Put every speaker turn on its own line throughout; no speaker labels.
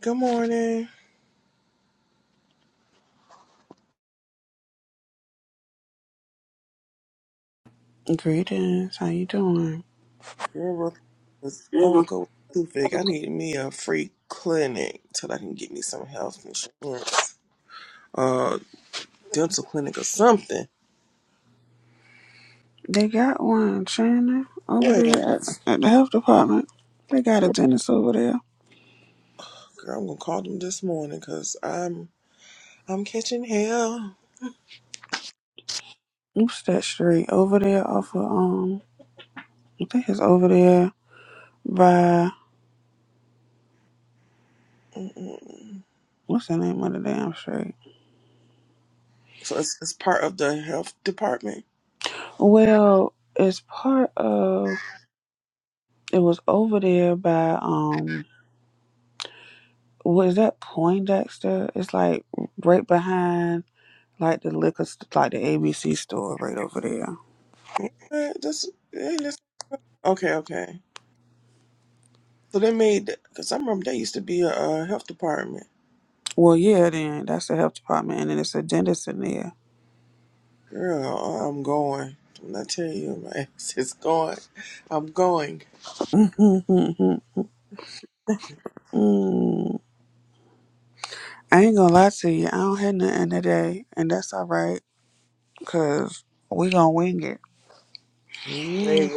Good morning.
Greetings, how you doing?
Girl, I
Mhm.
woke up with a toothache. I need me a free clinic till I can get me some health insurance, uh, dental clinic or something.
They got one, Shannon, over
Yeah,
there at, at the health department. They got a dentist over there.
girl, I'm gonna call them this morning because I'm I'm catching hell.
Oops, that street over there off of um, I think it's over there by
Mm-mm.
what's the name of the damn street?
So it's, it's part of the health department.
Well, it's part of. It was over there by um, was that Poindexter? It's like right behind like the liquor, st- like the ABC store right over there.
Yeah, that's, yeah, that's okay. Okay. So they made because I remember they used to be a, uh health department.
Well, yeah, then that's the health department, and then it's a dentist in there.
Girl, I'm going. When I tell you, my ass is going. I'm going.
Mm. I ain't gonna lie to you, I don't have nothing today, and that's all right, cause we gonna wing it.
Great-
Mm,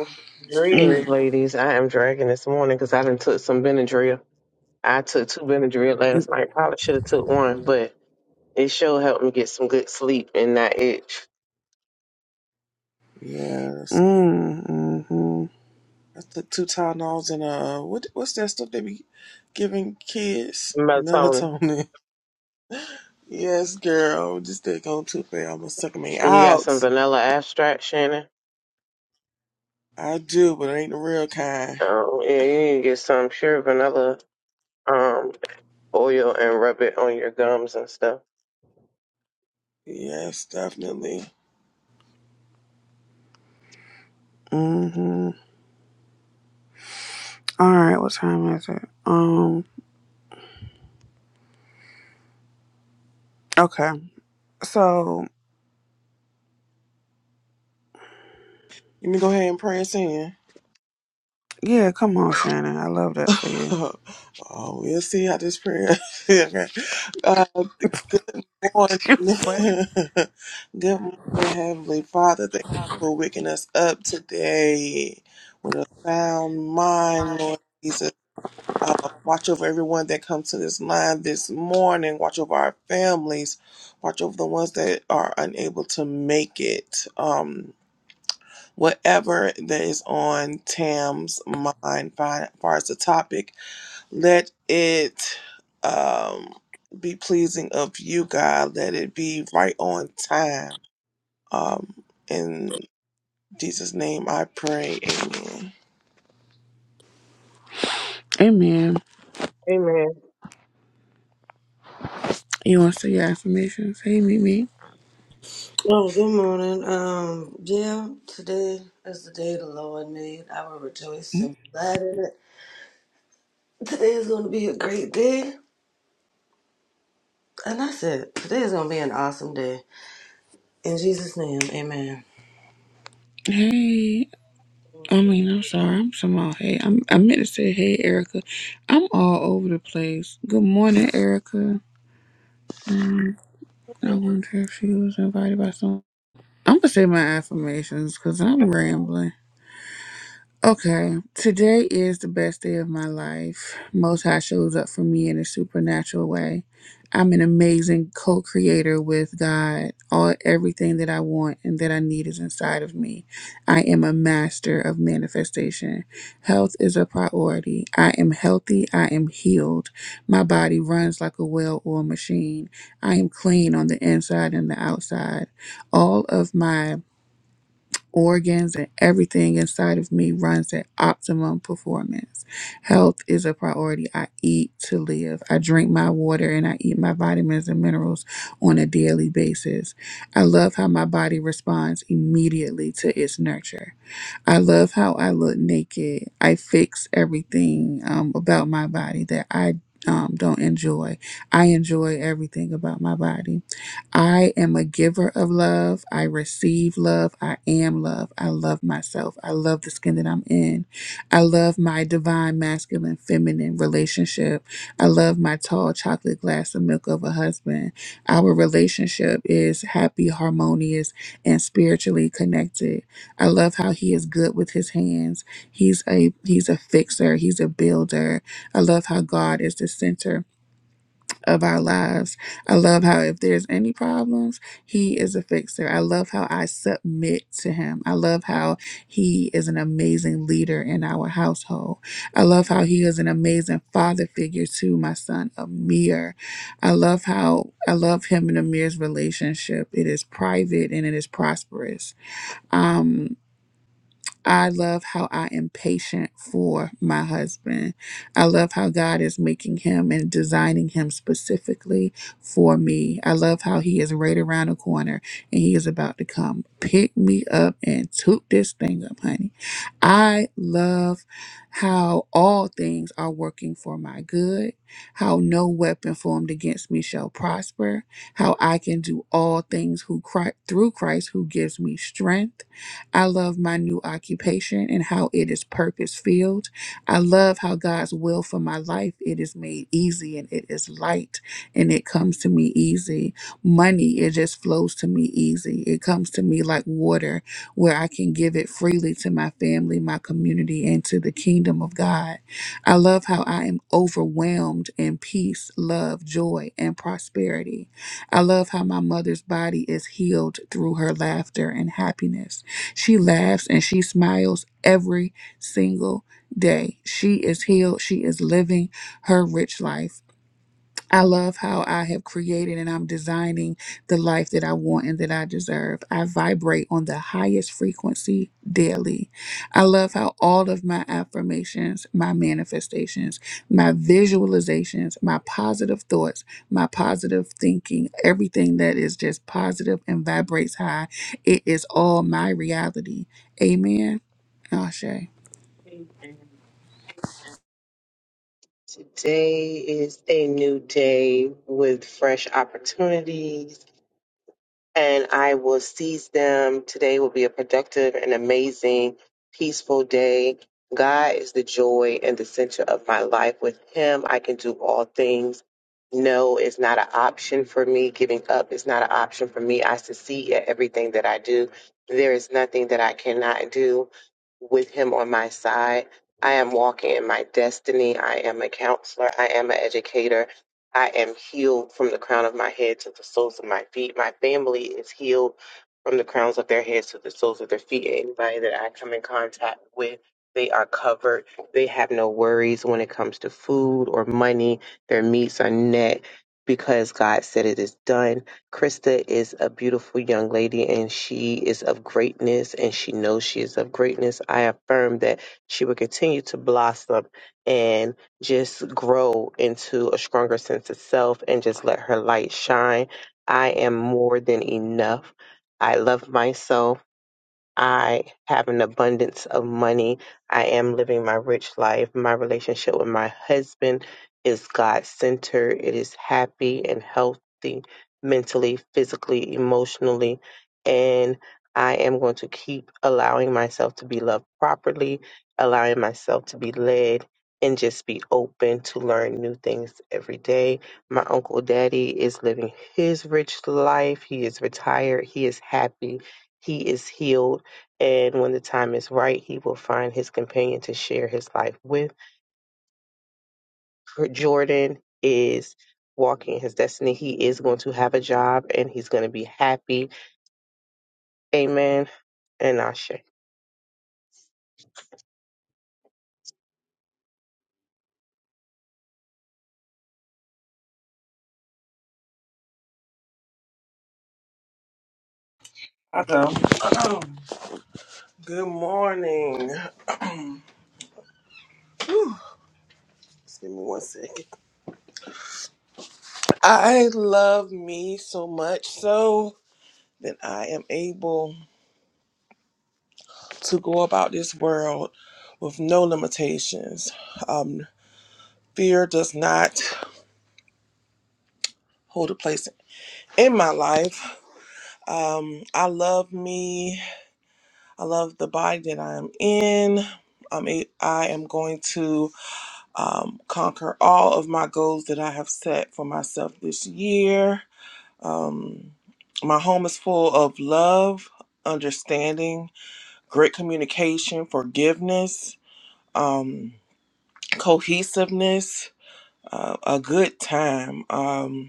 Greetings,
Mm.
ladies. I am dragging this morning because I done took some Benadryl. I took two Benadryl
Mm.
last night. Probably should have took one, but it sure helped me get some good sleep and not itch.
Yes.
Mm. Mm-hmm.
I took two Tylenols and uh, what what's that stuff they be giving kids?
Melatonin.
Melatonin. Yes, girl. Just that on tooth fairy almost took me
And you got
out.
some vanilla abstract, Shannon?
I do, but it ain't the real kind.
Um, yeah, you need to get some pure vanilla. um, oil and rub it on your gums and stuff.
Yes, definitely.
Mm-hmm. All right, what time is it? Um. Okay, so
Let me go ahead and pray us in.
yeah, come on, Shannon, I love that for you.
oh, we'll see how this prayer. Uh, good morning.
What?
good morning, Heavenly Father. Thank you for waking us up today with a sound mind, Lord Jesus. Uh, watch over everyone that comes to this line this morning. Watch over our families. Watch over the ones that are unable to make it. Um, whatever that is on Tam's mind, fi- as far as the topic. Let it um, be pleasing of you, God. Let it be right on time. Um, in Jesus' name I pray. Amen.
Amen.
Amen.
You want to see your affirmations? Hey, Mimi.
Oh good morning. Um, yeah, today is the day the Lord made. I will rejoice and be glad in it. Today is going to be a great day. And that's it. Today is going to be an awesome day. In Jesus' name, amen.
Hey. I mean, I'm sorry.
Amen.
I'm somehow hey. I'm, I meant to say hey, Erica. I'm all over the place. Good morning, Erica. Mm, I wonder if she was invited by someone. I'm gonna say my affirmations because I'm rambling. Okay, today is the best day of my life. Most High shows up for me in a supernatural way. I'm an amazing co-creator with God. All everything that I want and that I need is inside of me. I am a master of manifestation. Health is a priority. I am healthy. I am healed. My body runs like a well-oiled machine. I am clean on the inside and the outside. All of my organs and everything inside of me runs at optimum performance. Health is a priority. I eat to live. I drink my water and I eat my vitamins and minerals on a daily basis. I love how my body responds immediately to its nurture. I love how I look naked. I fix everything um, about my body that I um, don't enjoy. I enjoy everything about my body. I am a giver of love. I receive love. I am love. I love myself. I love the skin that I'm in. I love my divine masculine feminine relationship. I love my tall chocolate glass of milk of a husband. Our relationship is happy, harmonious, and spiritually connected. I love how he is good with his hands. He's a he's a fixer, he's a builder. I love how God is the center of our lives. I love how if there's any problems, he is a fixer. I love how I submit to him. I love how he is an amazing leader in our household. I love how he is an amazing father figure to my son Amir. I love how I love him and Amir's relationship. It is private and it is prosperous. Um I love how I am patient for my husband. I love how God is making him and designing him specifically for me. I love how he is right around the corner and he is about to come pick me up and toot this thing up, honey. I love how all things are working for my good, how no weapon formed against me shall prosper, how I can do all things who Christ, through Christ who gives me strength I love my new occupation and how it is purpose filled. I love how God's will for my life it is made easy and it is light and it comes to me easy. Money it just flows to me easy. It comes to me like water where I can give it freely to my family, my community and to the kingdom of God. I love how I am overwhelmed in peace, love, joy and prosperity. I love how my mother's body is healed through her laughter and happiness. She laughs and she smiles every single day. She is healed. She is living her rich life. I love how I have created and I'm designing the life that I want and that I deserve. I vibrate on the highest frequency daily. I love how all of my affirmations, my manifestations, my visualizations, my positive thoughts, my positive thinking, everything that is just positive and vibrates high, it is all my reality. Amen. Ashe.
Today is a new day with fresh opportunities. and I will seize them. Today will be a productive and amazing, peaceful day. God is the joy and the center of my life. With Him, I can do all things. No is not an option for me. Giving up is not an option for me. I succeed at everything that I do. There is nothing that I cannot do with Him on my side. I am walking in my destiny. I am a counselor. I am an educator. I am healed from the crown of my head to the soles of my feet. My family is healed from the crowns of their heads to the soles of their feet. Anybody that I come in contact with, they are covered. They have no worries when it comes to food or money. Their meats are net because God said it is done. Krista is a beautiful young lady and she is of greatness and she knows she is of greatness. I affirm that she will continue to blossom and just grow into a stronger sense of self and just let her light shine. I am more than enough. I love myself. I have an abundance of money. I am living my rich life. My relationship with my husband is God centered. It is happy and healthy mentally, physically, emotionally. And I am going to keep allowing myself to be loved properly, allowing myself to be led, and just be open to learn new things every day. My uncle daddy is living his rich life. He is retired. He is happy. He is healed and when the time is right, he will find his companion to share his life with. Jordan is walking his destiny. He is going to have a job and he's going to be happy. Amen. And Ashe.
Good morning. Just give me one second. I love me so much so that I am able to go about this world with no limitations. Um, Fear does not hold a place in my life. Um, I love me. I love the body that I am in. I'm a, I am going to um, conquer all of my goals that I have set for myself this year. Um, my home is full of love, understanding, great communication, forgiveness, um, cohesiveness, uh, a good time. Um,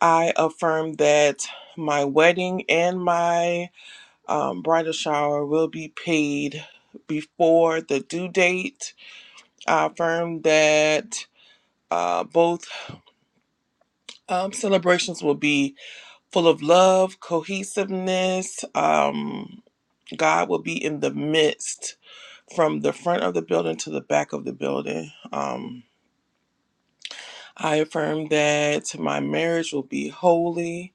I affirm that my wedding and my um, bridal shower will be paid before the due date. I affirm that uh, both um, celebrations will be full of love, cohesiveness. Um, God will be in the midst from the front of the building to the back of the building. Um, I affirm that my marriage will be holy,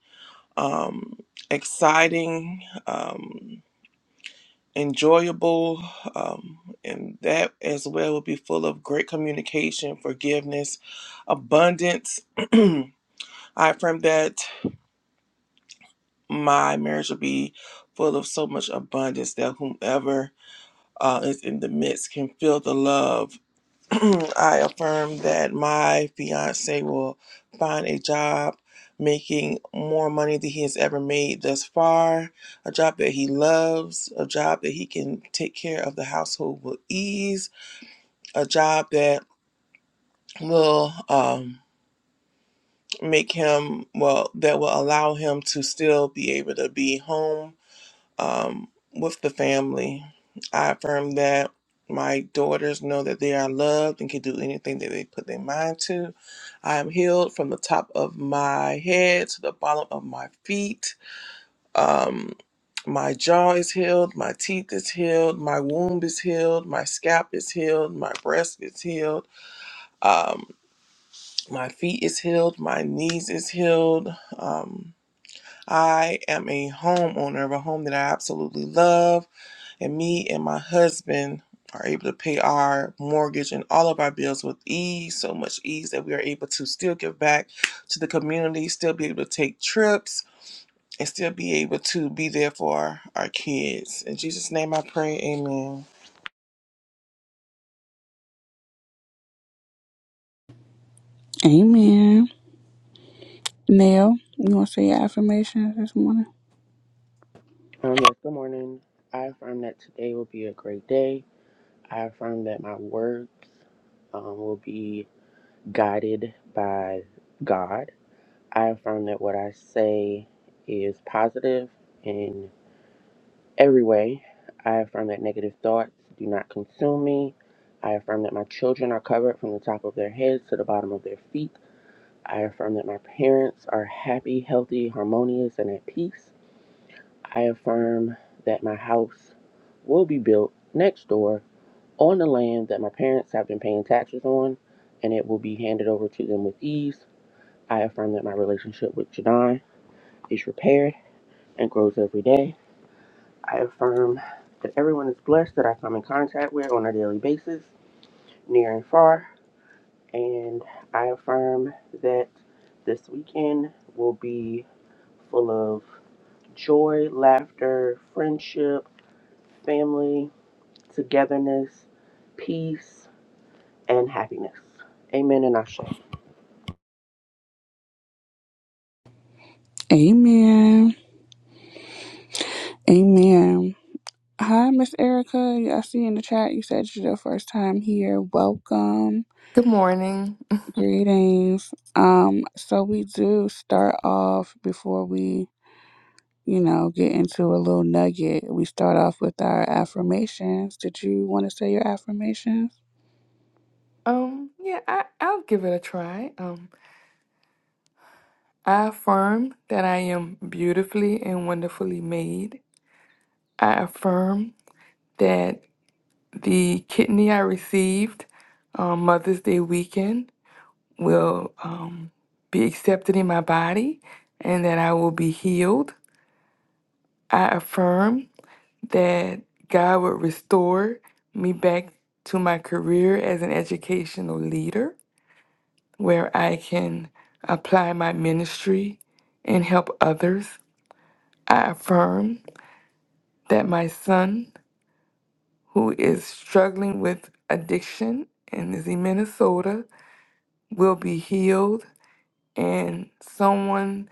um, exciting. Um, enjoyable um, and that as well will be full of great communication forgiveness abundance i affirm that my marriage will be full of so much abundance that whomever uh, is in the midst can feel the love I affirm that my fiance will find a job making more money than he has ever made thus far, a job that he loves, a job that he can take care of the household with ease, a job that will um, make him, well, that will allow him to still be able to be home um, with the family. I affirm that my daughters know that they are loved and can do anything that they put their mind to. I am healed from the top of my head to the bottom of my feet. Um, my jaw is healed, my teeth is healed, my womb is healed, my scalp is healed, my breast is healed, um, my feet is healed, my knees is healed. Um, I am a homeowner of a home that I absolutely love and me and my husband are able to pay our mortgage and all of our bills with ease, so much ease that we are able to still give back to the community, still be able to take trips, and still be able to be there for our kids. In Jesus' name I pray, amen.
Amen. Nell, you want to say your affirmations this morning?
Um, yes, good morning. I affirm that today will be a great day. I affirm that my words um, will be guided by God. I affirm that what I say is positive in every way. I affirm that negative thoughts do not consume me. I affirm that my children are covered from the top of their heads to the bottom of their feet. I affirm that my parents are happy, healthy, harmonious, and at peace. I affirm that my house will be built next door on the land that my parents have been paying taxes on, and it will be handed over to them with ease. I affirm that my relationship with Jadon is repaired and grows every day. I affirm that everyone is blessed that I come in contact with on a daily basis, near and far. And I affirm that this weekend will be full of joy, laughter, friendship, family. togetherness, peace, and happiness. Amen and Ashe.
Amen. Amen. Hi, Miss Erica. Yeah, I see in the chat you said you're the first time here. Welcome.
Good morning.
Greetings. Um, so we do start off before we, you know, get into a little nugget. We start off with our affirmations. Did you want to say your affirmations?
Um, yeah, I, I'll give it a try. Um, I affirm that I am beautifully and wonderfully made. I affirm that the kidney I received on Mother's Day weekend will um, be accepted in my body and that I will be healed. I affirm that God will restore me back to my career as an educational leader. where I can apply my ministry and help others. I affirm that my son, who is struggling with addiction and is in Minnesota, will be healed, and someone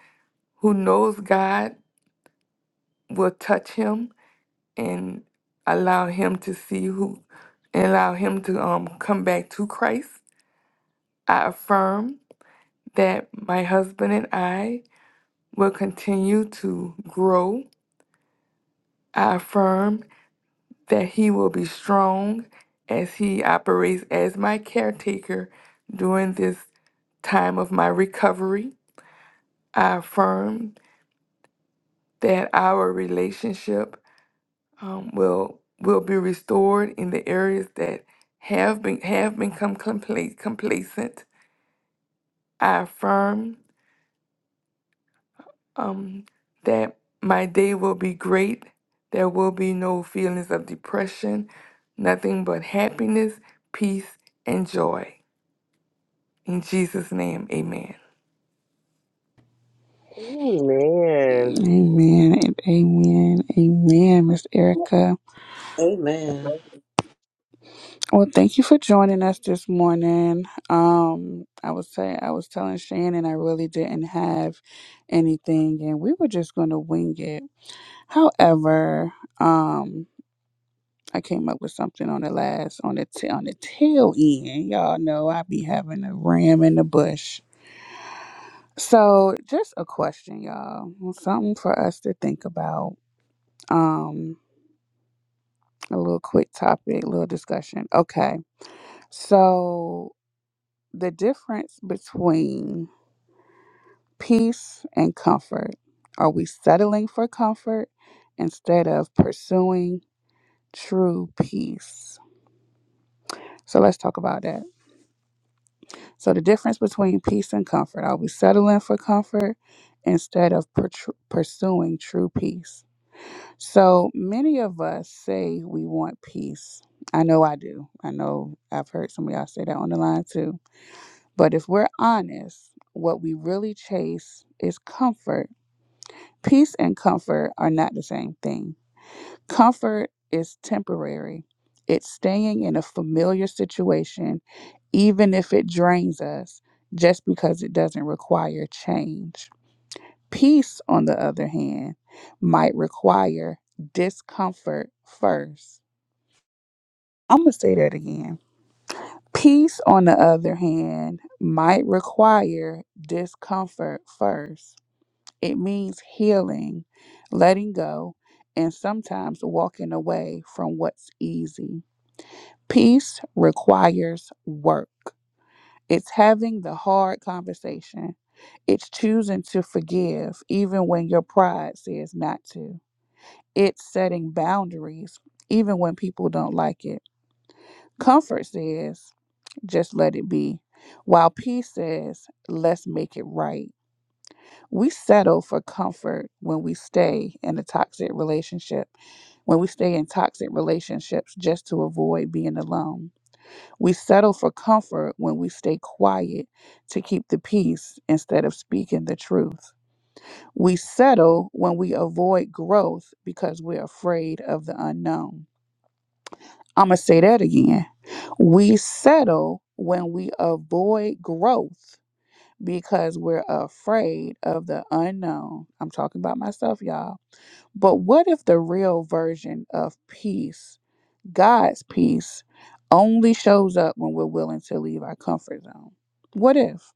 who knows God will touch him and allow him to see who and allow him to um, come back to Christ. I affirm that my husband and I will continue to grow I affirm that he will be strong as he operates as my caretaker during this time of my recovery. I affirm that our relationship um, will will be restored in the areas that have been have become compla- complacent. I affirm um, that my day will be great. There will be no feelings of depression, nothing but happiness, peace, and joy. In Jesus' name, amen.
Amen.
Amen. Amen. Amen, Miss Erica.
Amen.
Well, thank you for joining us this morning. Um, I would say I was telling Shannon I really didn't have anything, and we were just going to wing it. However, um, I came up with something on the last on the t- on the tail end. Y'all know I be having a ram in the bush. So, just a question, y'all. Something for us to think about. Um, a little quick topic, little discussion. Okay, so the difference between Peace and comfort. Are we settling for comfort instead of pursuing true peace? So let's talk about that. So, the difference between peace and comfort are we settling for comfort instead of per- tr- pursuing true peace? So, many of us say we want peace. I know I do. I know I've heard some of y'all say that on the line too. But if we're honest, what we really chase is comfort Peace and comfort are not the same thing. Comfort is temporary, it's staying in a familiar situation, even if it drains us, just because it doesn't require change. Peace, on the other hand, might require discomfort first. I'm going to say that again. Peace, on the other hand, might require discomfort first. It means healing, letting go, and sometimes walking away from what's easy. Peace requires work. It's having the hard conversation. It's choosing to forgive even when your pride says not to. It's setting boundaries even when people don't like it. Comfort says, just let it be, while peace says, let's make it right. We settle for comfort when we stay in a toxic relationship, when we stay in toxic relationships just to avoid being alone. We settle for comfort when we stay quiet to keep the peace instead of speaking the truth. We settle when we avoid growth because we're afraid of the unknown. I'm going to say that again. We settle when we avoid growth because we're afraid of the unknown. I'm talking about myself, y'all But what if the real version of peace, God's peace, only shows up when we're willing to leave our comfort zone? What if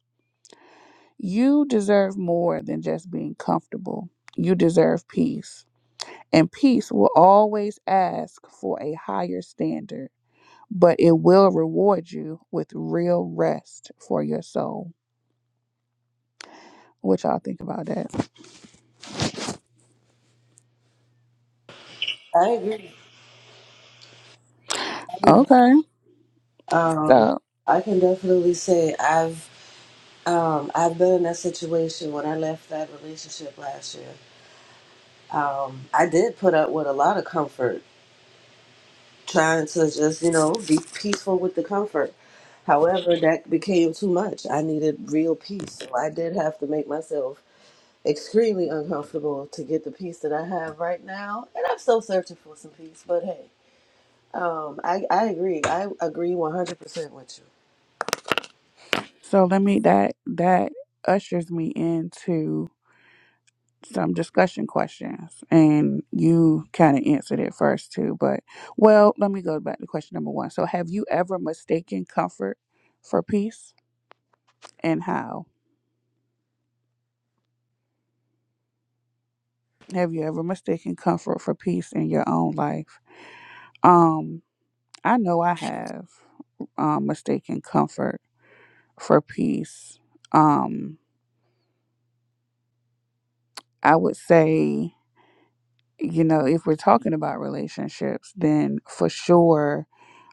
you deserve more than just being comfortable? You deserve peace. And peace will always ask for a higher standard, but it will reward you with real rest for your soul. What y'all think about that?
I agree. I agree.
Okay.
Um,
So
I can definitely say I've um, I've been in that situation when I left that relationship last year. Um, I did put up with a lot of comfort trying to just, you know, be peaceful with the comfort. However, that became too much. I needed real peace. So I did have to make myself extremely uncomfortable to get the peace that I have right now. And I'm still searching for some peace, but hey, um, I, I agree. I agree 100% with you.
so let me that that ushers me into some discussion questions and you kind of answered it first too but well let me go back to question number one so have you ever mistaken comfort for peace and how have you ever mistaken comfort for peace in your own life um i know i have um mistaken comfort for peace um i would say you know if we're talking about relationships then for sure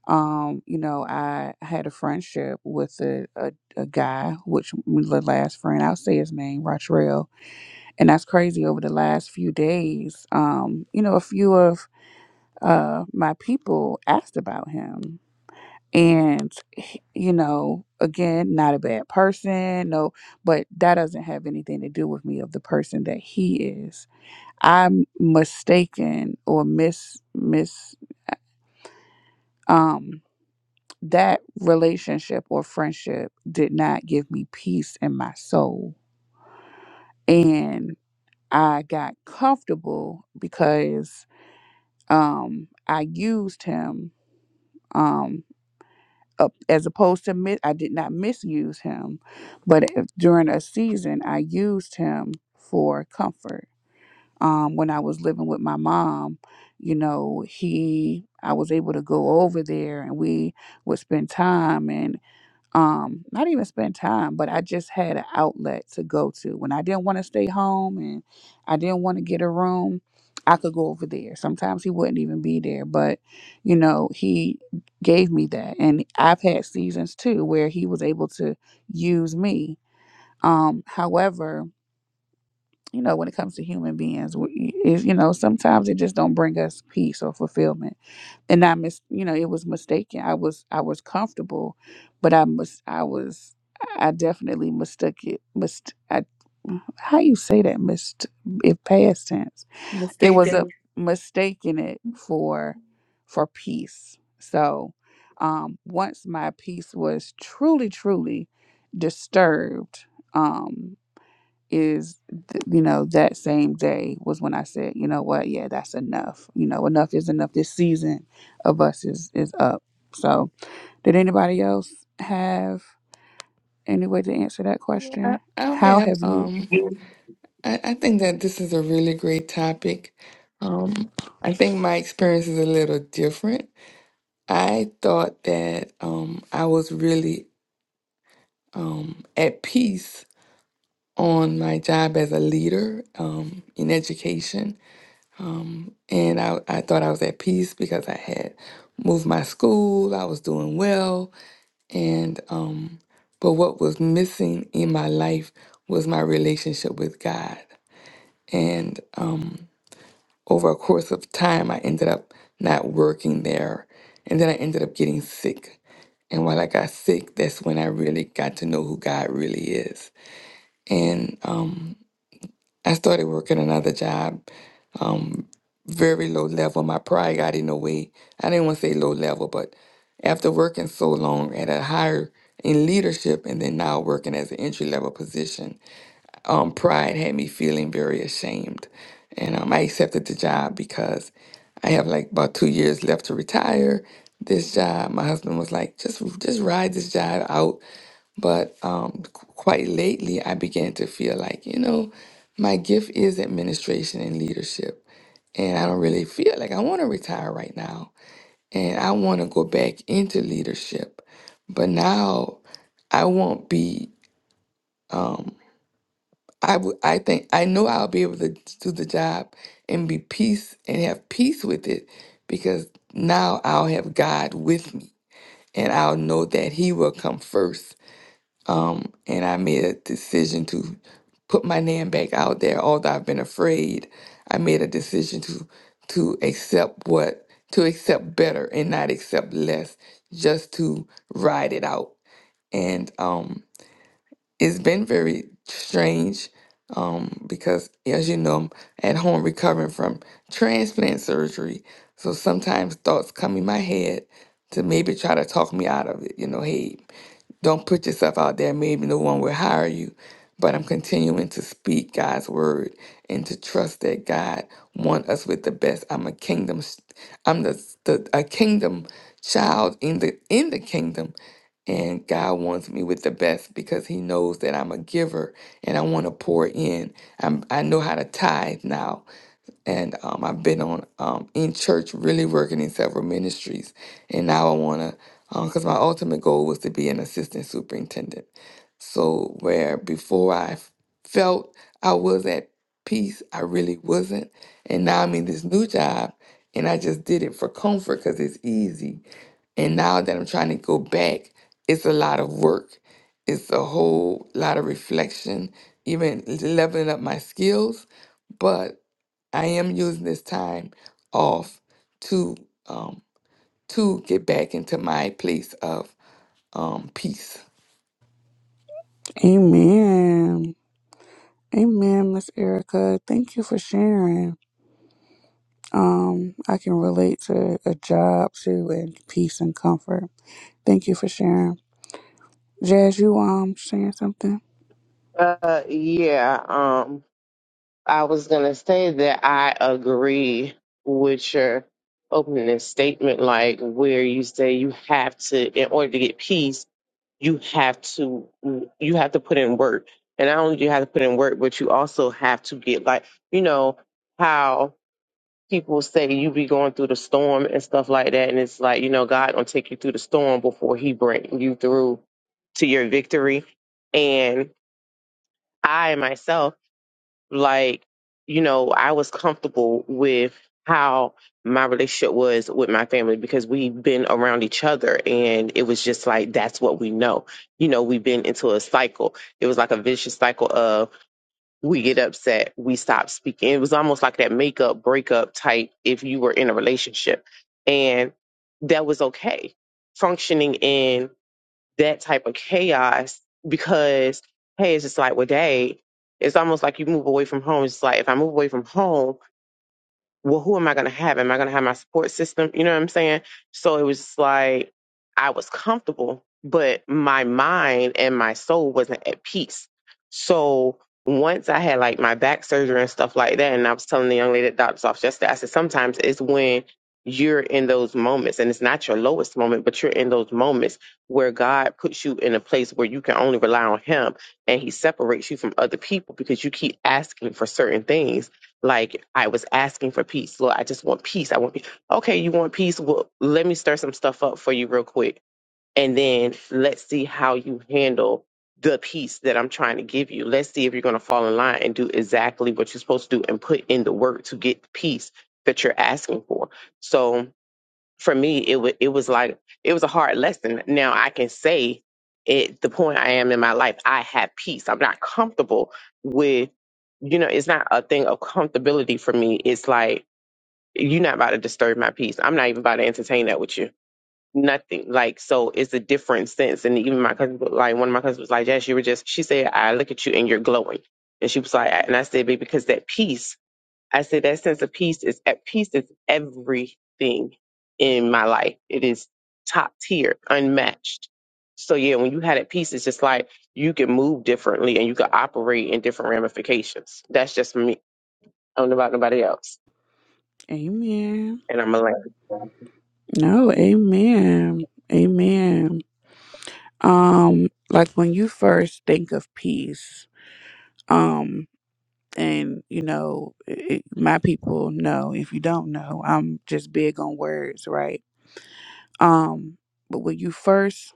um, you know, I had a friendship with a, a, a guy, which was the last friend, I'll say his name, Rotrell. And that's crazy. Over the last few days, um, you know, a few of uh, my people asked about him. And, he- you know, again, not a bad person, no, but that doesn't have anything to do with me of the person that he is. I'm mistaken or mis, mis, um, that relationship or friendship did not give me peace in my soul and i got comfortable because um i used him um up- as opposed to mi- i did not misuse him but if, during a season i used him for comfort um when i was living with my mom you know he i was able to go over there and we would spend time and um not even spend time but i just had an outlet to go to when i didn't want to stay home and i didn't want to get a room i could go over there sometimes he wouldn't even be there but you know he gave me that and i've had seasons too where he was able to use me um however you know when it comes to human beings we- is you know sometimes it just don't bring us peace or fulfillment and I mis you know it was mistaken. I was I was comfortable, but I must I was I definitely mistook it. Mist I, how you say that mist if past tense. It was a
Mistaken.
mistaking it for for peace. So um once my peace was truly truly disturbed, um is th- you know that same day was when i said you know what yeah that's enough you know enough is enough this season of us is is up so did anybody else have any way to answer that
Yeah, I,
question
I'll
how
have,
have you
um, I, I think that this is a really great topic. Um, I think my experience is a little different. I thought that um, I was really um, at peace on my job as a leader um, in education. Um, and I, I thought I was at peace because I had moved my school, I was doing well. And, um, but what was missing in my life was my relationship with God. And um, over a course of time, I ended up not working there. And then I ended up getting sick. And while I got sick, that's when I really got to know who God really is. and um, I started working another job, um, very low level. My pride got in the way. I didn't want to say low level, but after working so long at a higher in leadership and then now working as an entry level position, um, pride had me feeling very ashamed. And um, I accepted the job because I have like about two years left to retire. This job, my husband was like, just just ride this job out. But um, qu- quite lately, I began to feel like, you know, my gift is administration and leadership. And I don't really feel like I want to retire right now. And I want to go back into leadership. But now I won't be. um, I would I think I know I'll be able to do the job and be peace and have peace with it because now I'll have God with me and I'll know that he will come first. Um and I made a decision to put my name back out there although I've been afraid. I made a decision to to accept what to accept better and not accept less just to ride it out. And um it's been very strange um, because, as you know, I'm at home recovering from transplant surgery. So sometimes thoughts come in my head to maybe try to talk me out of it. You know, hey, don't put yourself out there. Maybe no one will hire you. But I'm continuing to speak God's word and to trust that God wants us with the best. I'm a kingdom. i I'm the, the a kingdom child in the in the kingdom, and God wants me with the best because He knows that I'm a giver and I want to pour in. I'm I know how to tithe now and um, I've been on um, in church, really working in several ministries, and now I want to, because my ultimate goal was to be an assistant superintendent. So where before I felt I was at peace, I really wasn't, and now I'm in this new job, and I just did it for comfort because it's easy. And now that I'm trying to go back, it's a lot of work. It's a whole lot of reflection, even leveling up my skills. but. I am using this time off to um, to get back into my place of um, peace.
amen amen miss erica thank you for sharing um i can relate to a job too and peace and comfort thank you for sharing jazz you um sharing something
Uh, yeah. Um, I was gonna say that I agree with your opening statement, like where you say you have to, in order to get peace, you have to you have to put in work and not only do you have to put in work but you also have to get like you know how people say you be going through the storm and stuff like that and it's like you know god gonna take you through the storm before he bring you through to your victory and i myself like you know i was comfortable with how my relationship was with my family because we've been around each other and it was just like that's what we know you know we've been into a cycle it was like a vicious cycle of we get upset we stop speaking it was almost like that makeup breakup type if you were in a relationship and that was okay functioning in that type of chaos because hey, it's just like with day, it's almost like you move away from home. It's like if I move away from home, well, who am I going to have? Am I going to have my support system? You know what I'm saying? So it was like I was comfortable, but my mind and my soul wasn't at peace. So once I had like my back surgery and stuff like that, and I was telling the young lady at the doctor's office yesterday, I said, sometimes it's when you're in those moments, and it's not your lowest moment, but you're in those moments where God puts you in a place where you can only rely on Him and He separates you from other people because you keep asking for certain things like I was asking for peace. Lord, I just want peace. I want peace. Okay, you want peace? Well, let me stir some stuff up for you real quick. And then let's see how you handle the peace that I'm trying to give you. Let's see if you're going to fall in line and do exactly what you're supposed to do and put in the work to get the peace that you're asking for. So, for me it was it was like it was a hard lesson now i can say at the point i am in my life i have peace i'm not comfortable with you know it's not a thing of comfortability for me it's like you're not about to disturb my peace i'm not even about to entertain that with you nothing like so it's a different sense and even my cousin like one of my cousins was like jess you were just she said i look at you and you're glowing and she was like and i said baby, because that peace I said that sense of peace is at peace is everything in my life. It is top tier, unmatched. So yeah, when you had it peace, it's just like you can move differently and you can operate in different ramifications. That's just me. I don't know about nobody else.
amen
And I'm a lamb.
No, amen. Amen. Um, like when you first think of peace, um, and you know, it, my people know if you don't know, I'm just big on words, right? Um, but when you first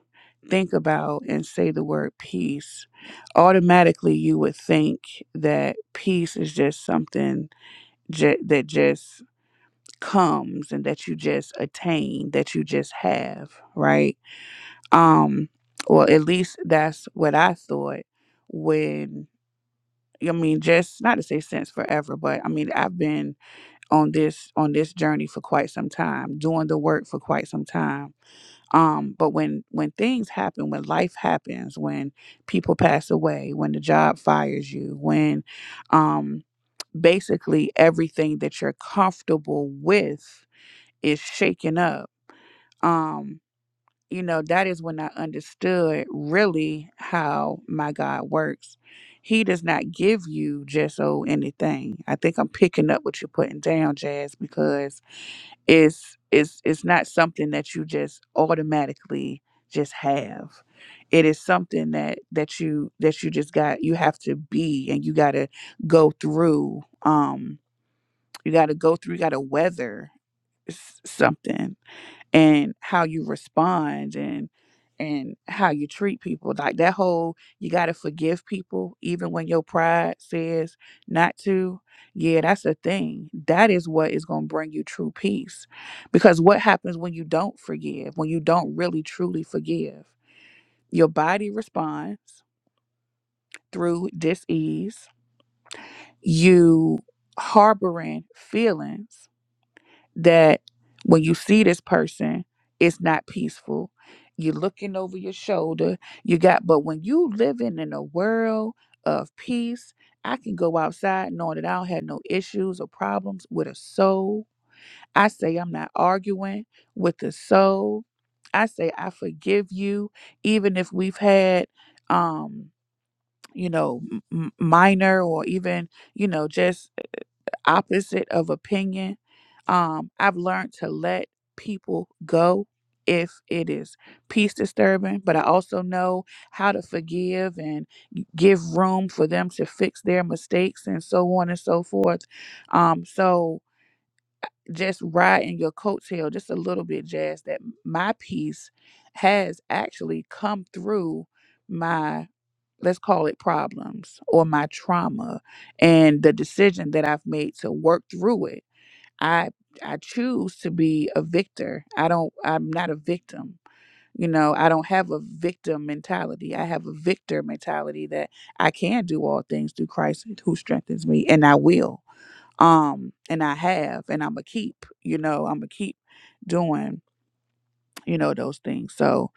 think about and say the word peace, automatically you would think that peace is just something ju- that just comes and that you just attain, that you just have, right? Um, well, at least that's what I thought when I mean, just not to say since forever, but I mean, I've been on this on this journey for quite some time, doing the work for quite some time. Um, but when when things happen, when life happens, when people pass away, when the job fires you, when um basically everything that you're comfortable with is shaken up. Um you know, that is when I understood really how my God works. He does not give you just oh anything. I think I'm picking up what you're putting down, Jazz, because it's it's it's not something that you just automatically just have. It is something that that you that you just got you have to be and you gotta go through. Um you gotta go through, you gotta weather s- something and how you respond and and how you treat people like that whole you got to forgive people even when your pride says not to yeah that's a thing that is what is going to bring you true peace because what happens when you don't forgive when you don't really truly forgive your body responds through dis-ease you harboring feelings that when you see this person, it's not peaceful. You're looking over your shoulder. You got, but when you living in a world of peace, I can go outside knowing that I don't have no issues or problems with a soul. I say I'm not arguing with a soul. I say I forgive you, even if we've had, um, you know, m- m- minor or even, you know, just opposite of opinion. Um, I've learned to let people go if it is peace disturbing, but I also know how to forgive and give room for them to fix their mistakes and so on and so forth. Um, so just riding your coattail just a little bit, Jazz, that my peace has actually come through my let's call it problems or my trauma and the decision that I've made to work through it I I choose to be a victor. I don't I'm not a victim. You know, I don't have a victim mentality. I have a victor mentality that I can do all things through Christ who strengthens me and I will. Um and I have and I'm a keep, you know, I'm a keep doing, you know, those things. So,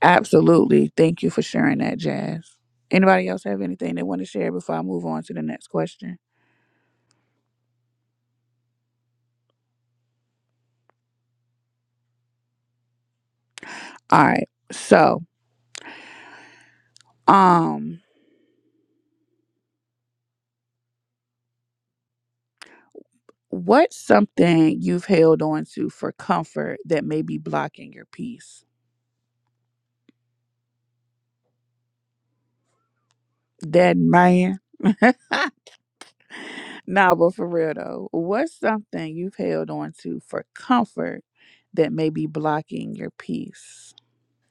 absolutely. Thank you for sharing that, Jazz. Anybody else have anything they want to share before I move on to the next question? All right. So, um What's something you've held on to for comfort that may be blocking your peace? That man. nah, but for real though, what's something you've held on to for comfort that may be blocking your peace?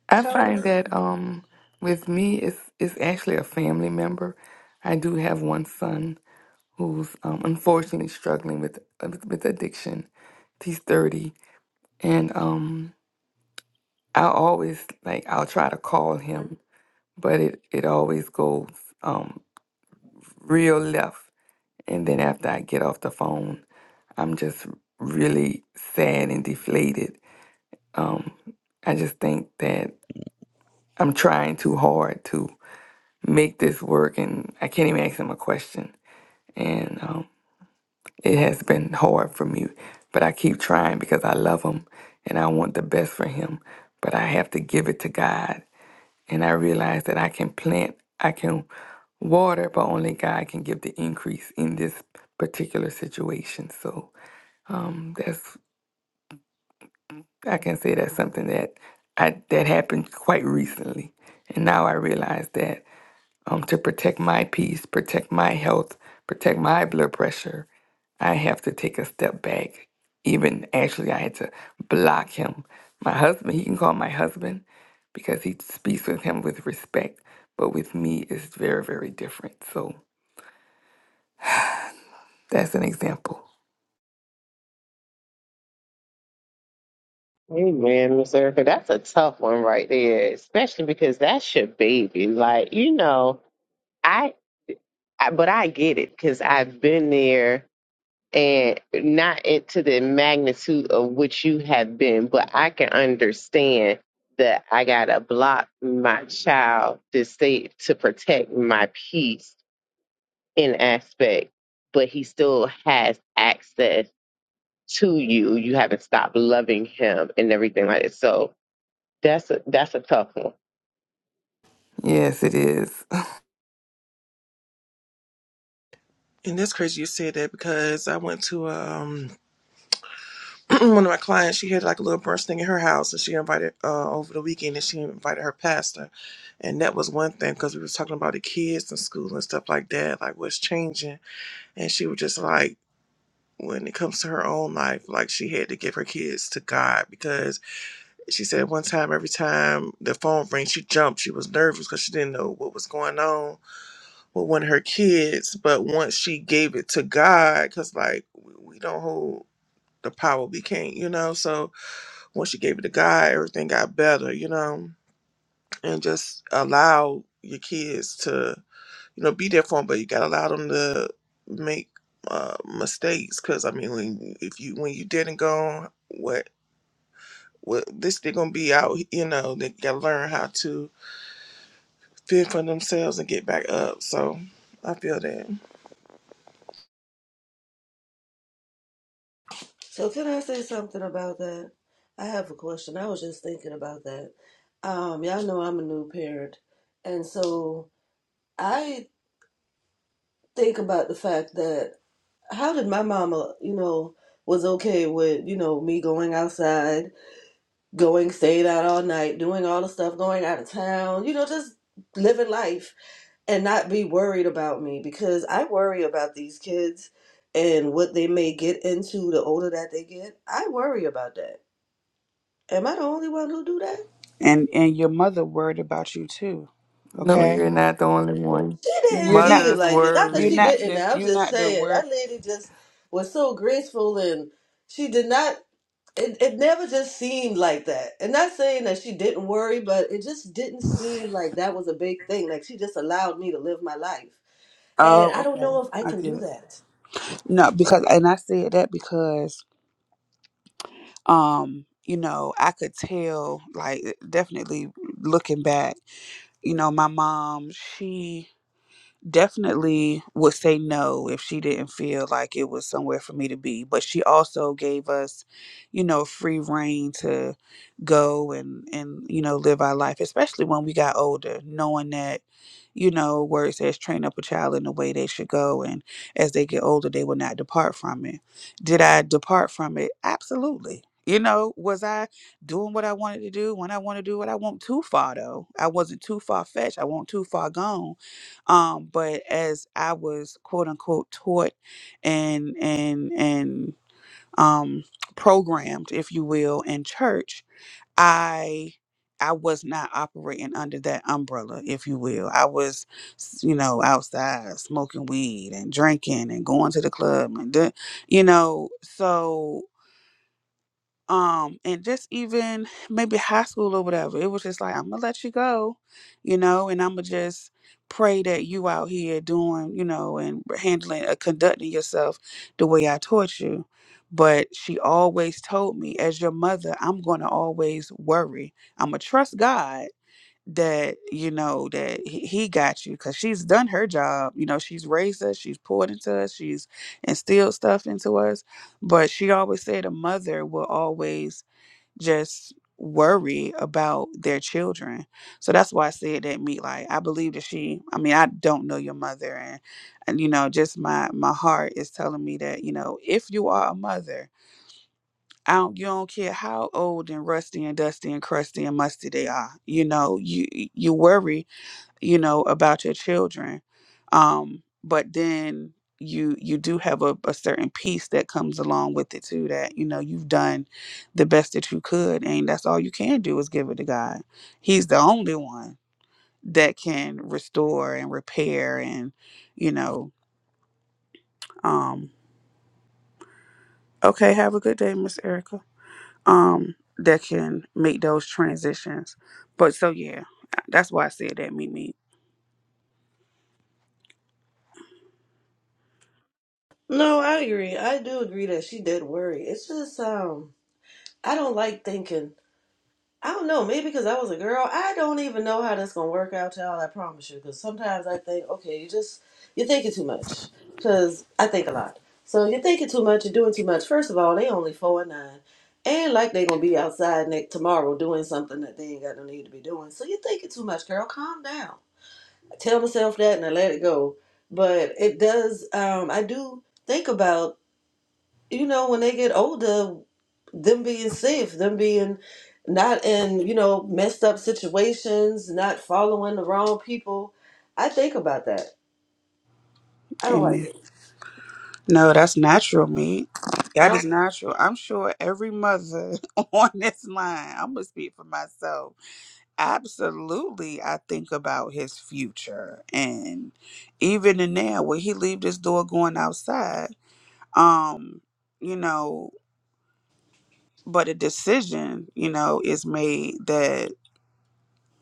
I find
Currently,
that um, with me, it's it's actually a family member. I do have one son who's um, unfortunately struggling with with addiction. He's thirty, and um, I always like I'll try to call him, but it it always goes um, real left And then after I get off the phone, I'm just really sad and deflated. Um, I just think that I'm trying too hard to make this work, and I can't even ask him a question. And um, it has been hard for me, but I keep trying because I love him and I want the best for him. But I have to give it to God, and I realize that I can plant, I can water, but only God can give the increase in this particular situation. So. Um, that's I can say that's something that I that happened quite recently, and now I realize that um, to protect my peace, protect my health, protect my blood pressure, I have to take a step back. Even actually, I had to block him. My husband, he can call my husband because he speaks with him with respect, but with me, it's very, very different. So that's an example.
Amen, Miss Erica. That's a tough one right there, especially because that's your baby. Like, you know, I, I but I get it because I've been there and not it to the magnitude of which you have been, but I can understand that I gotta block my child to stay to protect my peace in aspect, but he still has access to you. You haven't stopped loving him and everything like that. So That's a that's a tough one.
Yes, it is.
And that's crazy you said that because I went to um one of my clients, she had like a little brunch thing in her house and she invited uh over the weekend and she invited her pastor. And that was one thing because we was talking about the kids and school and stuff like that, like what's changing And she was just like, when it comes to her own life, like she had to give her kids to God because she said one time, every time the phone rang, she jumped. She was nervous because she didn't know what was going on with one of her kids. But once she gave it to God, because like we don't hold the power, we can't, you know. So once she gave it to God, everything got better, you know, and just allow your kids to you know, be there for them, but you gotta allow them to make uh, mistakes. Cause I mean, when if you when you didn't go, what what this they're gonna be out. You know, they gotta learn how to fend for themselves and get back up. So I feel that.
so can I say something about that? I have a question. I was just thinking about that. Um, y'all know I'm a new parent. And so I think about the fact that how did my mama, you know, was okay with, you know, me going outside, going staying out all night, doing all the stuff, going out of town, you know, just living life and not be worried about me because I worry about these kids and what they may get into the older that they get. I worry about that. Am I the only one who do that?
and and your mother worried about you too.
No,
Okay,
you're not the only one.
She didn't
you're not
seem
Mother's
like it. Not that
you're
she
worry.
not
didn't.
the
I'm
you're
just
not the
saying
word.
that lady just was so graceful and she did not. it, it never just seemed like that. And not saying that she didn't worry, but it just didn't seem like that was a big thing. Like she just allowed me to live my life. And
Oh,
I don't
okay,
know if I
I
can
get
do
it.
that.
No, because and I said that because um you know I could tell like definitely looking back. You know, my mom, she definitely would say no if she didn't feel like it was somewhere for me to be. But she also gave us, you know, free reign to go and and you know live our life, especially when we got older, knowing that you know word says train up a child in the way they should go and as they get older they will not depart from it did i depart from it absolutely you know was i doing what i wanted to do when i want to do what i want too far though i wasn't too far fetched i wasn't too far gone um but as i was quote unquote taught and and and um programmed if you will in church i i was not operating under that umbrella if you will i was s- you know outside smoking weed and drinking and going to the club and do, you know so um and just even maybe high school or whatever it was just like i'm gonna let you go you know and i'm gonna just pray that you out here doing you know and handling uh, conducting yourself the way i taught you but she always told me as your mother i'm gonna always worry i'm gonna trust god that you know that he, he got you because she's done her job you know she's raised us she's poured into us she's instilled stuff into us but she always said a mother will always just worry about their children so that's why i said that me like i believe that she i mean i don't know your mother and and you know just my my heart is telling me that you know if you are a mother I don't, you don't care how old and rusty and dusty and crusty and musty they are. You know, you you worry you know about your children um but then you you do have a, a certain peace that comes along with it too that you know you've done the best that you could and that's all you can do is give it to god he's the only one that can restore and repair and you know um okay have a good day miss erica um that can make those transitions but so yeah that's why i said that mimi
No, I agree. I do agree that she did worry. It's just um I don't like thinking. I don't know, maybe because I was a girl. I don't even know how that's gonna work out, y'all. I promise you. Because sometimes I think, okay, you just you're thinking too much. Because I think a lot. So you're thinking too much. You're doing too much. First of all, they only four and nine, and like they gonna be outside next tomorrow doing something that they ain't got no need to be doing. So you're thinking too much, girl. Calm down. I tell myself that and I let it go. But it does. Um, I do think about you know, when they get older, them being safe, them being not in, you know, messed up situations, not following the wrong people. I think about that. I don't like
amen
it.
No, that's natural meat.
I
That is
don't.
natural. I'm sure every mother on this line, I'm going to speak for myself. Absolutely, I think about his future. And even in there, when he leave this door going outside, um, you know, but a decision, you know, is made that,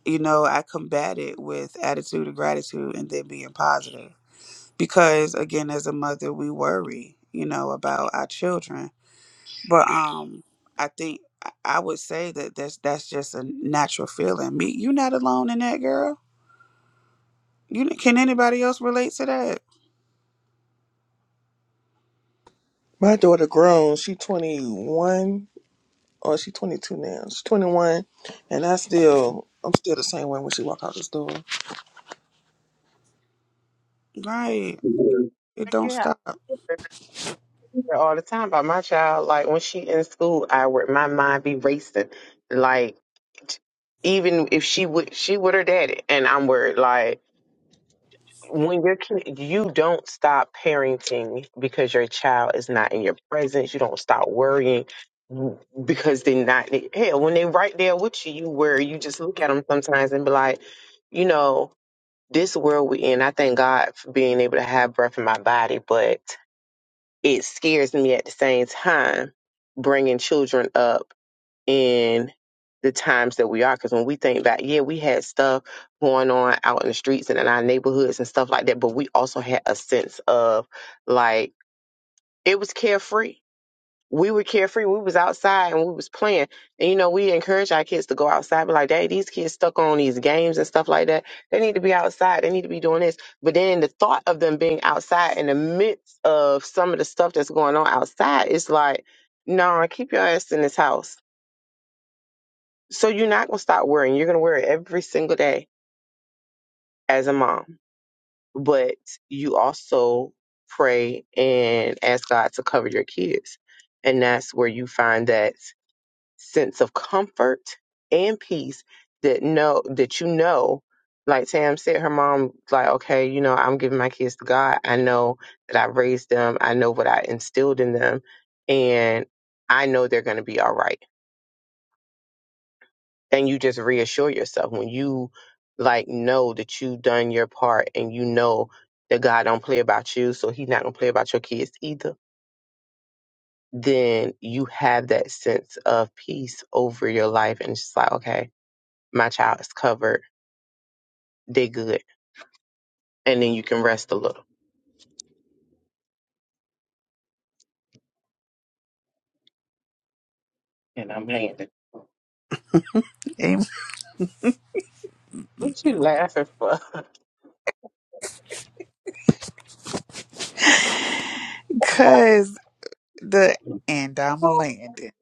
you know, I combat it with attitude of gratitude and then being positive. Because again, as a mother, we worry, you know, about our children But um, I think I I would say that that's that's just a natural feeling. Me, you're not alone in that, girl. You can anybody else relate to that?
My daughter grown. She twenty one or she twenty two now. She's twenty one, and I still I'm still the same way when she walk out this door.
Right. It
Like,
don't
Yeah,
stop.
I hear all the time about my child. Like when she in school, I would my mind be racing. Like even if she would, she with her daddy, and I'm worried. Like when your kid, you don't stop parenting because your child is not in your presence. You don't stop worrying because they're not. Hell, when they right there with you, you worry. You just look at them sometimes and be like, you know. this world we in, I thank God for being able to have breath in my body, but it scares me at the same time bringing children up in the times that we are. Because when we think back, yeah, we had stuff going on out in the streets and in our neighborhoods and stuff like that, but we also had a sense of like it was carefree we were carefree. We was outside and we was playing. And you know, we encourage our kids to go outside. But like, dang, these kids stuck on these games and stuff like that. They need to be outside. They need to be doing this." But then the thought of them being outside in the midst of some of the stuff that's going on outside is like, "No, nah, keep your ass in this house." So you're not gonna stop worrying. You're gonna worry every single day as a mom, but you also pray and ask God to cover your kids, and that's where you find that sense of comfort and peace that know that you know like Tam said her mom like okay you know I'm giving my kids to God I know that I raised them I know what I instilled in them and I know they're going to be all right and you just reassure yourself when you like know that you've done your part and you know that God don't play about you so he's not going to play about your kids either then you have that sense of peace over your life and it's just like okay my child is covered, They good, and then you can rest a little. And I'm landing.
Amen.
What you laughing for?
Cause the and I'm
oh,
landing.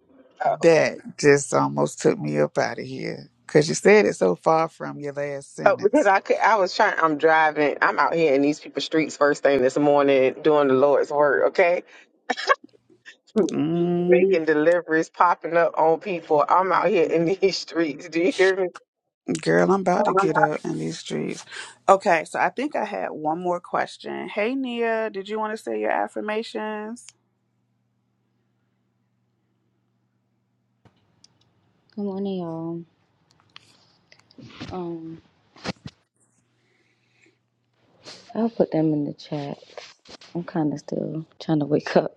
That just almost took me up out of here. Cause you said it so far from your last
oh, because
sentence.
I could, I was trying. I'm driving. I'm out here in these people's streets first thing this morning doing the Lord's work. Okay, making deliveries popping up on people. I'm out here in these streets. Do you hear me?
Girl, I'm about
Oh
to
my
get
God.
up in these streets. Okay, so I think I had one more question. Hey, Nia, did you want to say your affirmations?
Good morning, y'all. Um, I'll put them in the chat. I'm kind of still trying to wake up.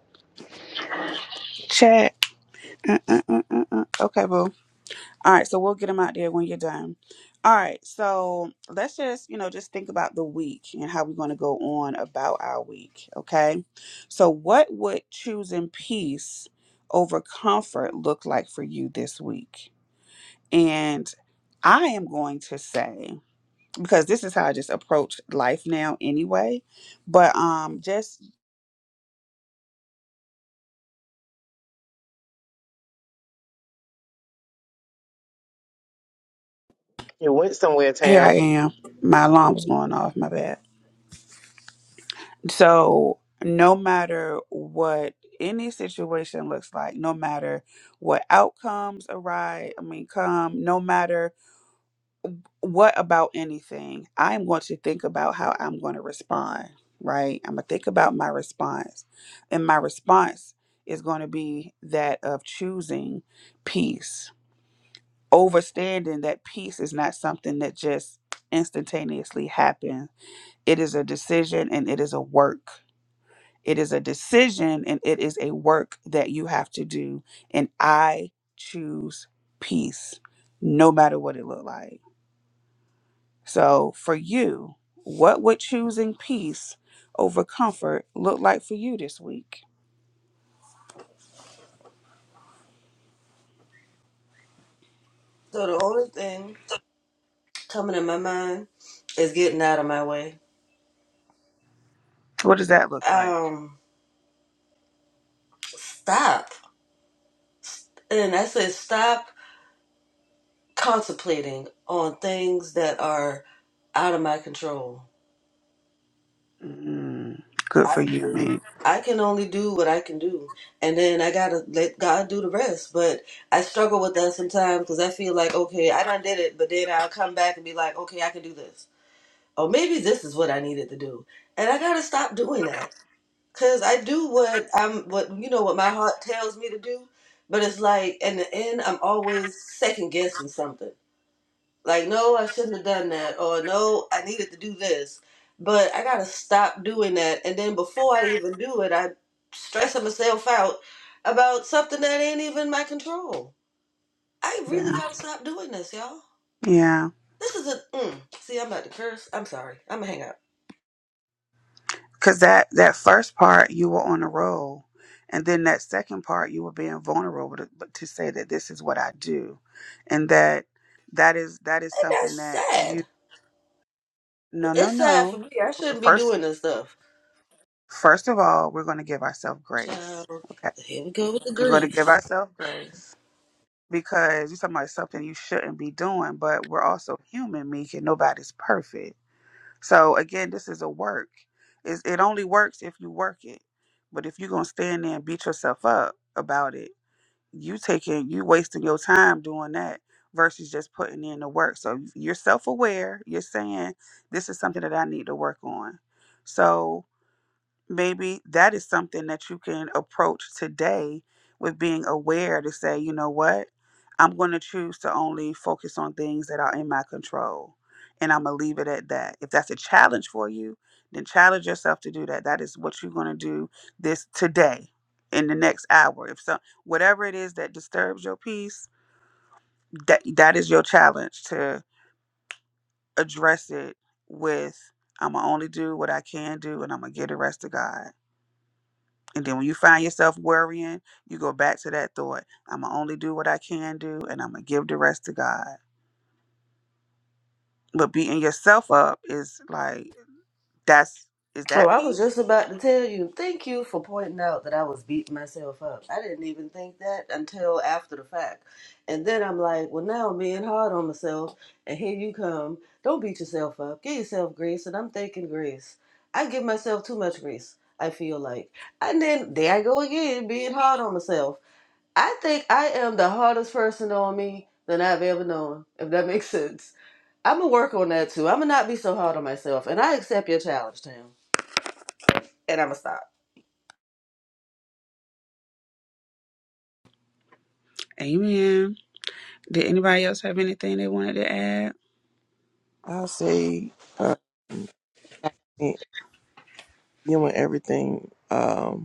Chat. Uh, uh, uh, uh, uh. Okay, boo. All right, so we'll get them out there when you're done. All right, so let's just, you know, just think about the week and how we're going to go on about our week, okay? So, what would choosing peace over comfort look like for you this week? And I am going to say, because this is how I just approach life now anyway. But um just
It went somewhere,
here I
Tam.
am. My alarm was going off, my bad. So no matter what any situation looks like, no matter what outcomes arrive, I mean come, no matter what about anything, I'm going to think about how I'm going to respond, right? I'm going to think about my response. And my response is going to be that of choosing peace overstanding that peace is not something that just instantaneously happens. It is a decision and it is a work. It is a decision and it is a work that you have to do. And I choose peace, no matter what it looked like. So for you, what would choosing peace over comfort look like for you this week?
So the only thing coming in my mind is getting out of my way.
What does that look like?
Um, stop. And I said, stop contemplating on things that are out of my control.
Mm, good for
I
you,
do.
mate.
I can only do what I can do, and then I gotta let God do the rest. But I struggle with that sometimes because I feel like, okay, I done did it, but then I'll come back and be like, okay, I can do this, or maybe this is what I needed to do, and I gotta stop doing that because I do what I'm, what you know, what my heart tells me to do. But it's like in the end, I'm always second guessing something. Like, no, I shouldn't have done that, or no, I needed to do this, but I gotta stop doing that. And then before I even do it, I stressing myself out about something that ain't even my control. I really
Yeah.
gotta stop doing this, y'all.
Yeah.
This is a mm, see. I'm about to curse. I'm sorry. I'm gonna hang up.
Because that, that first part, you were on a roll. And then that second part, you were being vulnerable to, to say that this is what I do. And that that is that is
And
something
that's
that you
sad.
no no
It's sad for
no
me. I shouldn't be
first
doing this stuff.
first of all we're going to give ourselves
Child,
grace okay
here we go with the
we're going to give
grief.
ourselves grace because you're talking about something you shouldn't be doing but we're also human meek and nobody's perfect So again, this is a work. It's, it only works if you work it. But if you're gonna stand there and beat yourself up about it, you taking you wasting your time doing that versus just putting in the work. So you're self aware. You're saying this is something that I need to work on. So Maybe that is something that you can approach today with being aware to say, you know what? I'm going to choose to only focus on things that are in my control. And I'm going to leave it at that. If that's a challenge for you, then challenge yourself to do that. That is what you're going to do this today in the next hour. If so, whatever it is that disturbs your peace, that that is your challenge to address it with I'm going to only do what I can do and I'm going to give the rest to God And then when you find yourself worrying, you go back to that thought. I'm going to only do what I can do and I'm going to give the rest to God. But beating yourself up is like, that's, is
Oh,
that
I was just
peace?
about to tell you, thank you for pointing out that I was beating myself up. I didn't even think that until after the fact. And then I'm like, well, now I'm being hard on myself. And here you come. Don't beat yourself up. Give yourself grace. And I'm thinking grace. I give myself too much grace, I feel like. And then there I go again, being hard on myself. I think I am the hardest person on me than I've ever known, if that makes sense. I'm going to work on that too. I'm going to not be so hard on myself. And I accept your challenge, Tam. And I'm going to stop.
Amen. Did anybody else have anything they wanted to add?
I say, um, I think you and everything. Um,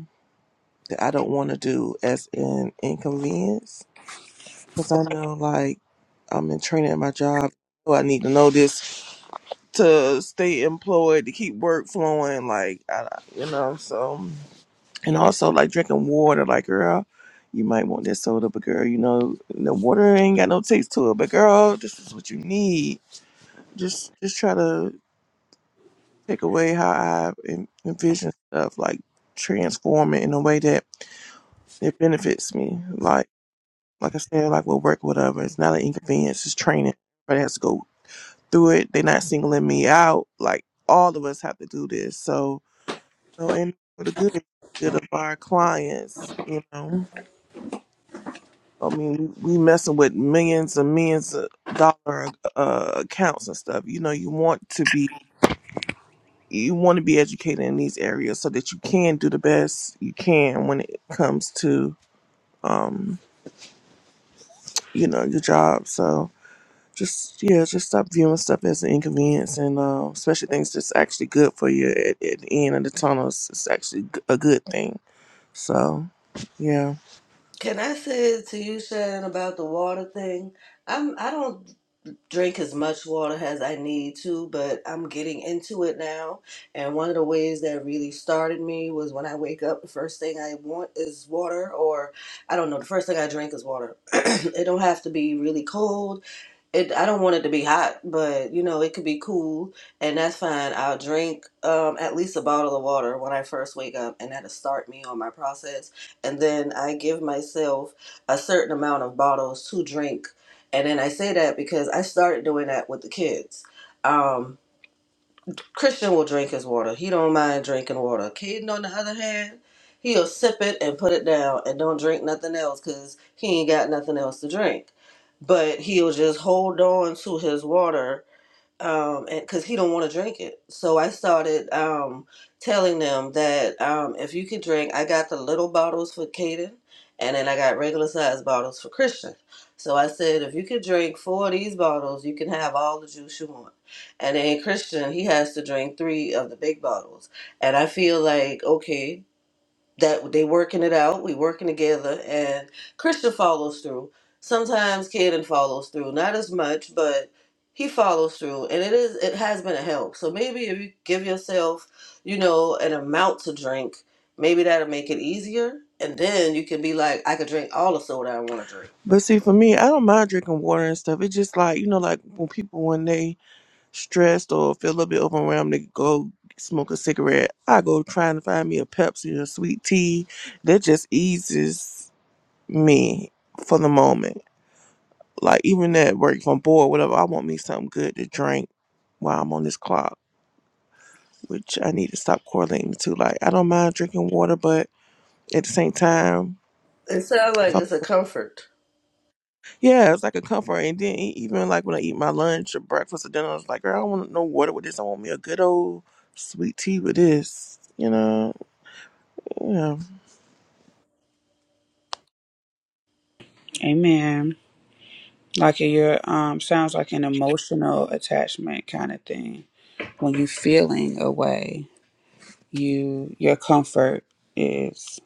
that I don't want to do as an inconvenience because I know like I'm in training at my job. So I need to know this to stay employed, to keep work flowing, like, I, you know, so. And also, like, drinking water, like, girl, you might want this soda, but girl, you know, the water ain't got no taste to it, but girl, this is what you need. Just, just try to take away how I en- envision stuff, like, transform it in a way that it benefits me. Like, Like I said, like we'll work whatever. It's not an inconvenience. It's training. Everybody has to go through it. They're not singling me out. Like all of us have to do this. So, you know, and for the good, good of our clients, you know. I mean, we we messing with millions and millions of dollar uh, accounts and stuff. You know, you want to be you want to be educated in these areas so that you can do the best you can when it comes to um, you know your job. So Just yeah, just stop viewing stuff as an inconvenience, and uh, especially things that's actually good for you. At, at the end of the tunnel, it's, it's actually g- a good thing. So, yeah.
Can I say to you, Shannon, about the water thing? I'm I don't drink as much water as I need to, but I'm getting into it now. And one of the ways that really started me was when I wake up, the first thing I want is water, or I don't know, the first thing I drink is water. it don't have to be really cold it I don't want it to be hot, but you know, it could be cool and that's fine. I'll drink um at least a bottle of water when I first wake up and that'll start me on my process. And then I give myself a certain amount of bottles to drink. And then I say that because I started doing that with the kids. Um Christian will drink his water. He don't mind drinking water. Caden, on the other hand, he'll sip it and put it down and don't drink nothing else because he ain't got nothing else to drink. But he'll just hold on to his water um, and because he don't want to drink it. So I started um, telling them that um, if you could drink, I got the little bottles for Caden, and then I got regular size bottles for Christian. So I said, if you could drink four of these bottles, you can have all the juice you want. And then Christian, he has to drink three of the big bottles. And I feel like, okay, that they working it out. We working together, and Christian follows through. Sometimes Caden follows through, not as much, but he follows through, and it is it has been a help. So maybe if you give yourself, you know, an amount to drink, maybe that'll make it easier, and then you can be like, I could drink all the soda I want to drink.
But see, for me, I don't mind drinking water and stuff. It's just like you know, like when people when they stressed or feel a little bit overwhelmed, they go smoke a cigarette. I go trying to find me a Pepsi or sweet tea. That just eases me for the moment. Like even at work, if I'm bored, whatever, I want me something good to drink while I'm on this clock. which I need to stop correlating to. Like, I don't mind drinking water, but at the same time,
It sounds like
so
it's a comfort.
yeah, it's like a comfort. And then e- even like when I eat my lunch or breakfast or dinner, I was like, girl, I don't want no water with this. I want me a good old sweet tea with this. You know, yeah.
Amen. Like your um sounds like an emotional attachment kind of thing. When you feeling away. you your comfort is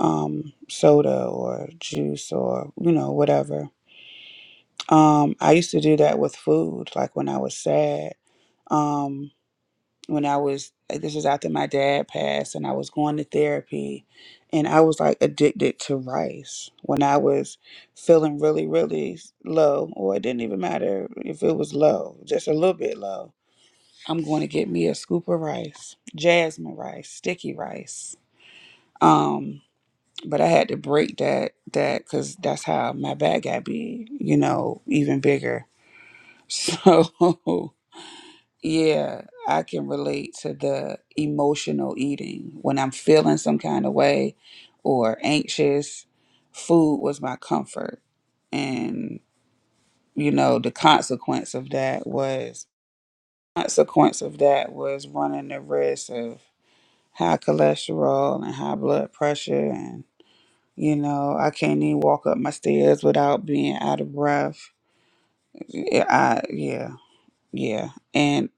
um soda or juice or you know whatever um i used to do that with food like when i was sad um when i was this is after my dad passed and i was going to therapy and i was like addicted to rice when i was feeling really really low or it didn't even matter if it was low just a little bit low i'm going to get me a scoop of rice jasmine rice sticky rice um but I had to break that that because that's how my back got big, you know, even bigger. So yeah, I can relate to the emotional eating when I'm feeling some kind of way or anxious. Food was my comfort, and you know the consequence of that was consequence of that was running the risk of high cholesterol and high blood pressure and. You know, I can't even walk up my stairs without being out of breath. Yeah, I, yeah, yeah. And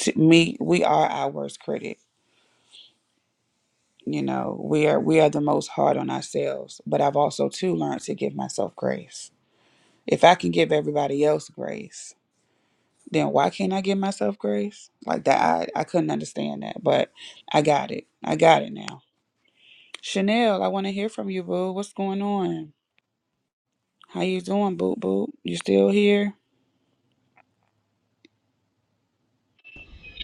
to me, we are our worst critic. You know, we are we are the most hard on ourselves. But I've also too learned to give myself grace. If I can give everybody else grace, then why can't I give myself grace? Like that, I I couldn't understand that, but I got it. I got it now. Chanel, I want to hear from you, boo. What's going on? How you doing, boo boo? You still here?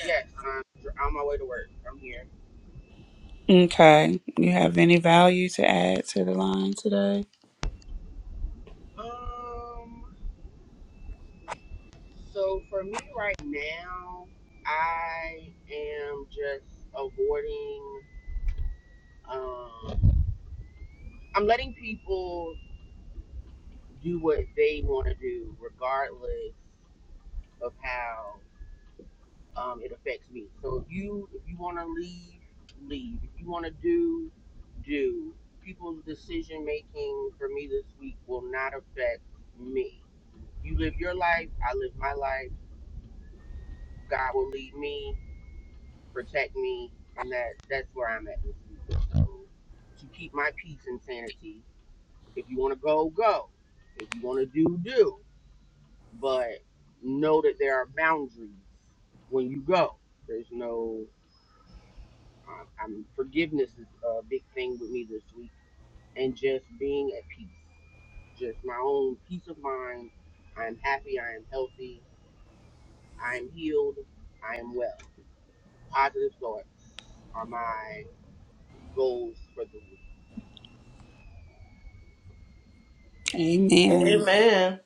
Yes, I'm on my way to work. I'm here.
Okay. You have any value to add to the line today?
Um, so for me right now, I am just avoiding. Um, I'm letting people do what they want to do, regardless of how. um, it affects me. So if you if you want to leave, leave. If you want to do, do. People's decision making for me this week will not affect me. You live your life, I live my life. God will lead me, protect me, and that that's where I'm at this week. So to keep my peace and sanity, if you want to go, go. If you want to do, do. But know that there are boundaries when you go. There's no Uh, Um, I'm forgiveness is a big thing with me this week, and just being at peace, just my own peace of mind. I'm happy. I am healthy. I am healed. I am well. Positive thoughts are my goals for the week.
Amen.
Amen.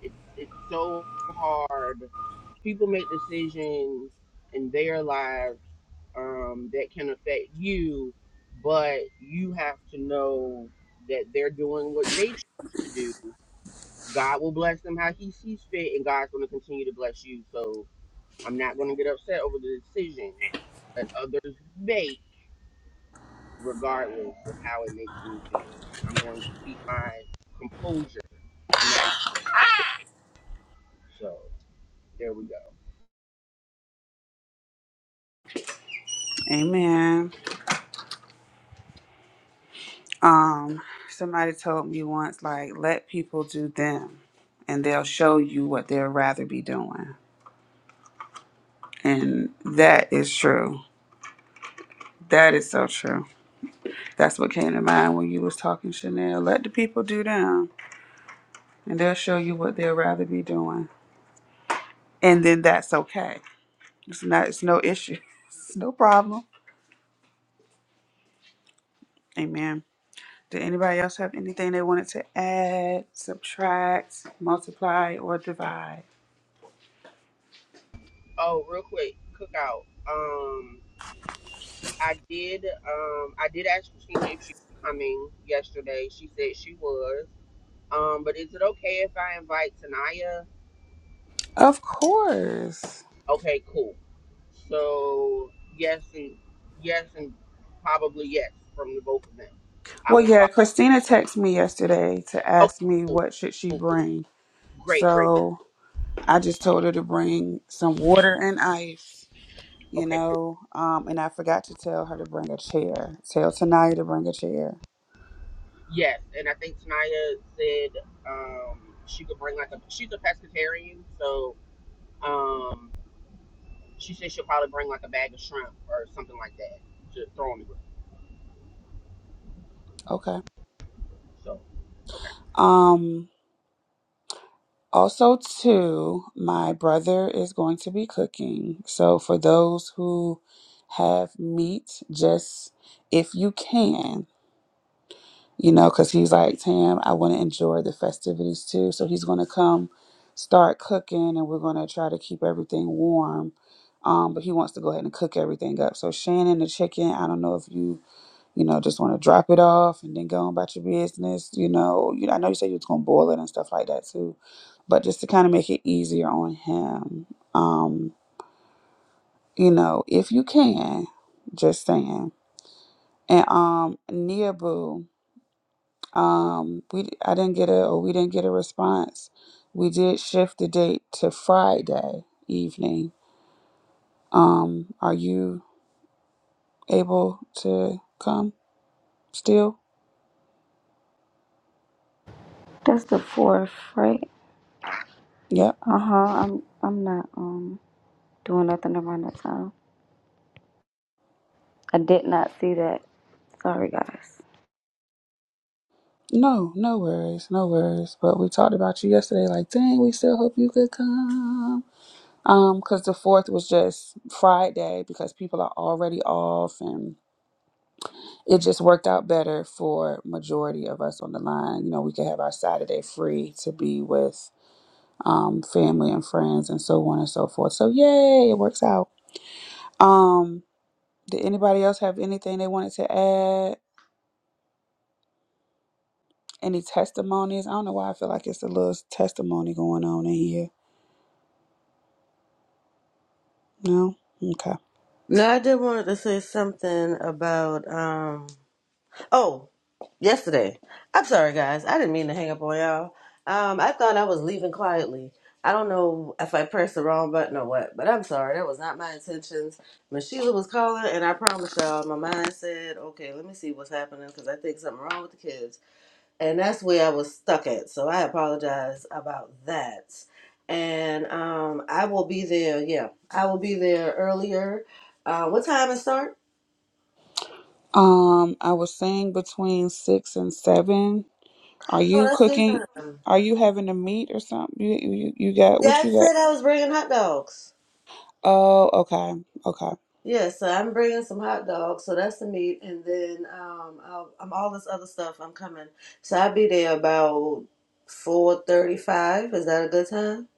It's it's so hard. People make decisions in their lives um, that can affect you, but you have to know that they're doing what they choose to do God will bless them how He sees fit, and God's going to continue to bless you. So I'm not going to get upset over the decisions that others make, regardless of how it makes me feel. I'm going to keep my composure and not. So there we go.
Amen. Um, somebody told me once, like, let people do them and they'll show you what they'd rather be doing. And that is true. That is so true. That's what came to mind when you was talking, Chanel. Let the people do them and they'll show you what they'd rather be doing. And then that's okay. It's not it's no issue. It's no problem. Amen. Did anybody else have anything they wanted to add, subtract, multiply, or divide?
Oh, real quick, cookout. Um, I did. Um, I did ask Christina if she was coming yesterday. She said she was. Um, but is it okay if I invite Tanaya?
Of course.
Okay, cool. So yes and yes and probably yes from the both of them. I
Well,
will
yeah,
follow.
Christina texted me yesterday to
Okay,
ask me
cool,
what should she
cool, cool.
bring.
great, great, great.
So I just told her to bring some water and ice, you
Okay, cool.
know, um, and I forgot to tell her to bring a chair. Tell Tanaya to bring a chair.
Yes, and I think Tanaya said um, she could bring like a. She's a pescatarian, so um, she said she'll probably bring like a bag of shrimp or something like that to throw in the grill.
Okay.
So
Um, Also, too, my brother is going to be cooking. So, for those who have meat, just if you can, you know, because he's like, Tam, I want to enjoy the festivities too. So, he's going to come start cooking and we're going to try to keep everything warm. Um, but he wants to go ahead and cook everything up. So, Shannon, the chicken, I don't know if you you know, just want to drop it off and then go on about your business. You know, you I know you said you was gonna boil it and stuff like that too, but just to kind of make it easier on him, um, you know, if you can, just saying. And um, Nia Boo, um, we I didn't get a or we didn't get a response. We did shift the date to Friday evening. Um, are you able to come still?
That's the fourth, right?
Yep.
Uh huh. I'm I'm not um doing nothing around that time. I did not see that. Sorry, guys.
No, no worries, no worries. But we talked about you yesterday. Like, dang, we still hope you could come. Um, because the fourth was just Friday because people are already off, and it just worked out better for majority of us on the line. You know, we could have our Saturday free to be with um family and friends and so on and so forth. So yay, it works out. Um, did anybody else have anything they wanted to add? Any testimonies? I don't know why I feel like it's a little testimony going on in here. No? Okay.
Now I did wanted to say something about um. oh, yesterday. I'm sorry, guys. I didn't mean to hang up on y'all. Um, I thought I was leaving quietly. I don't know if I pressed the wrong button or what, but I'm sorry. That was not my intentions. Miss Sheila was calling, and I promise y'all, my mind said, okay, let me see what's happening because I think something wrong with the kids. And that's where I was stuck at. So I apologize about that. And um, I will be there. Yeah, I will be there earlier. Uh, what time it start?
Um, I was saying between six and seven. Are
Oh,
you
that's good
cooking?
time.
Are you having a meat or something? You you, you got
Yeah,
what
I
you got?
said I was bringing hot dogs.
Oh, okay. Okay.
Yeah, so I'm bringing some hot dogs, so that's the meat, and then um, I'll, I'm all this other stuff. I'm coming, so I'll be there about four thirty-five. Is that a good time?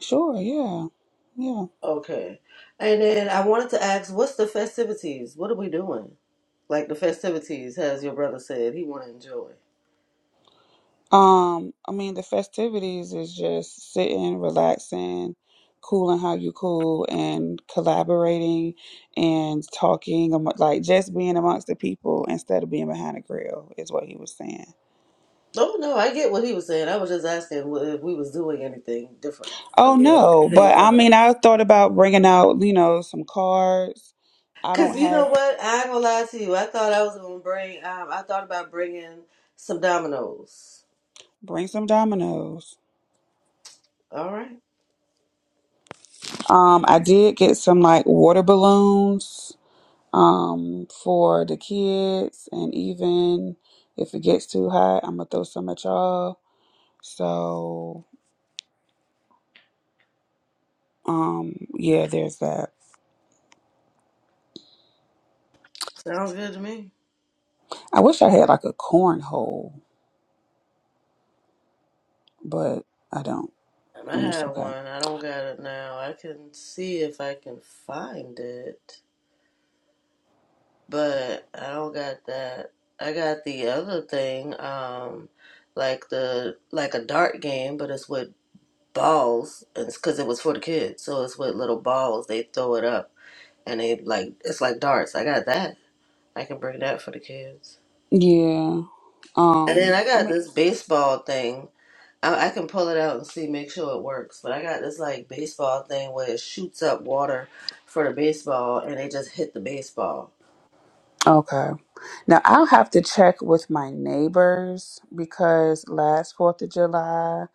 Sure, yeah. Yeah.
Okay. And then I wanted to ask, what's the festivities? What are we doing? Like the festivities, as your brother said, he want to enjoy.
Um, I mean the festivities is just sitting, relaxing, cooling how you cool and collaborating and talking amo- like just being amongst the people instead of being behind a grill is what he was saying.
Oh no, I get what he was saying. I was just asking what- if we was doing anything different. I
Oh
mean, or
no,
anything
but I
other.
mean, I thought about bringing out, you know, some cards. I
Cause
don't
you know
have,
what? I ain't gonna lie to you. I thought I was gonna bring. Um, I thought about bringing some dominoes.
bring some dominoes.
All right,
Um, I did get some like water balloons, um, for the kids, and even if it gets too hot, I'm gonna throw some at y'all. So, um, yeah, there's that.
sounds good to me.
I wish I had like a cornhole, but I don't.
Um, I
It's
had
okay.
one. I don't got it now. I can see if I can find it, but I don't got that. I got the other thing, um, like the like a dart game, but it's with balls. It's because it was for the kids, so it's with little balls. They throw it up, and they like it's like darts. I got that. I can bring that for the kids.
Yeah.
And then
Um,
I
I mean.
got this baseball thing. I, I can pull it out and see, make sure it works. But I got this like baseball thing where it shoots up water for the baseball, and they just hit the baseball.
Okay. Now I'll have to check with my neighbors because last 4th of July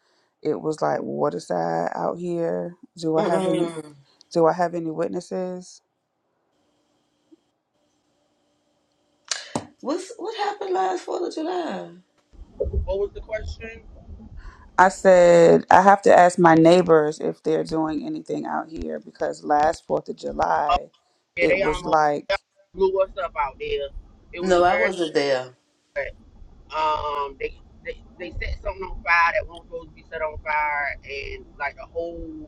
it was like waterside out here. Do I have any
Mm-mm.
do I have any witnesses?
What's what happened last Fourth of July?
what was the question?
I said I have to ask my neighbors if they're doing anything out here because last 4th of July
Yeah,
it
they
was
almost
like
blew us up out there. It was
No,
a
I
very
wasn't there.
like, um, they, they set something on fire that wasn't supposed to be set on fire, and like a whole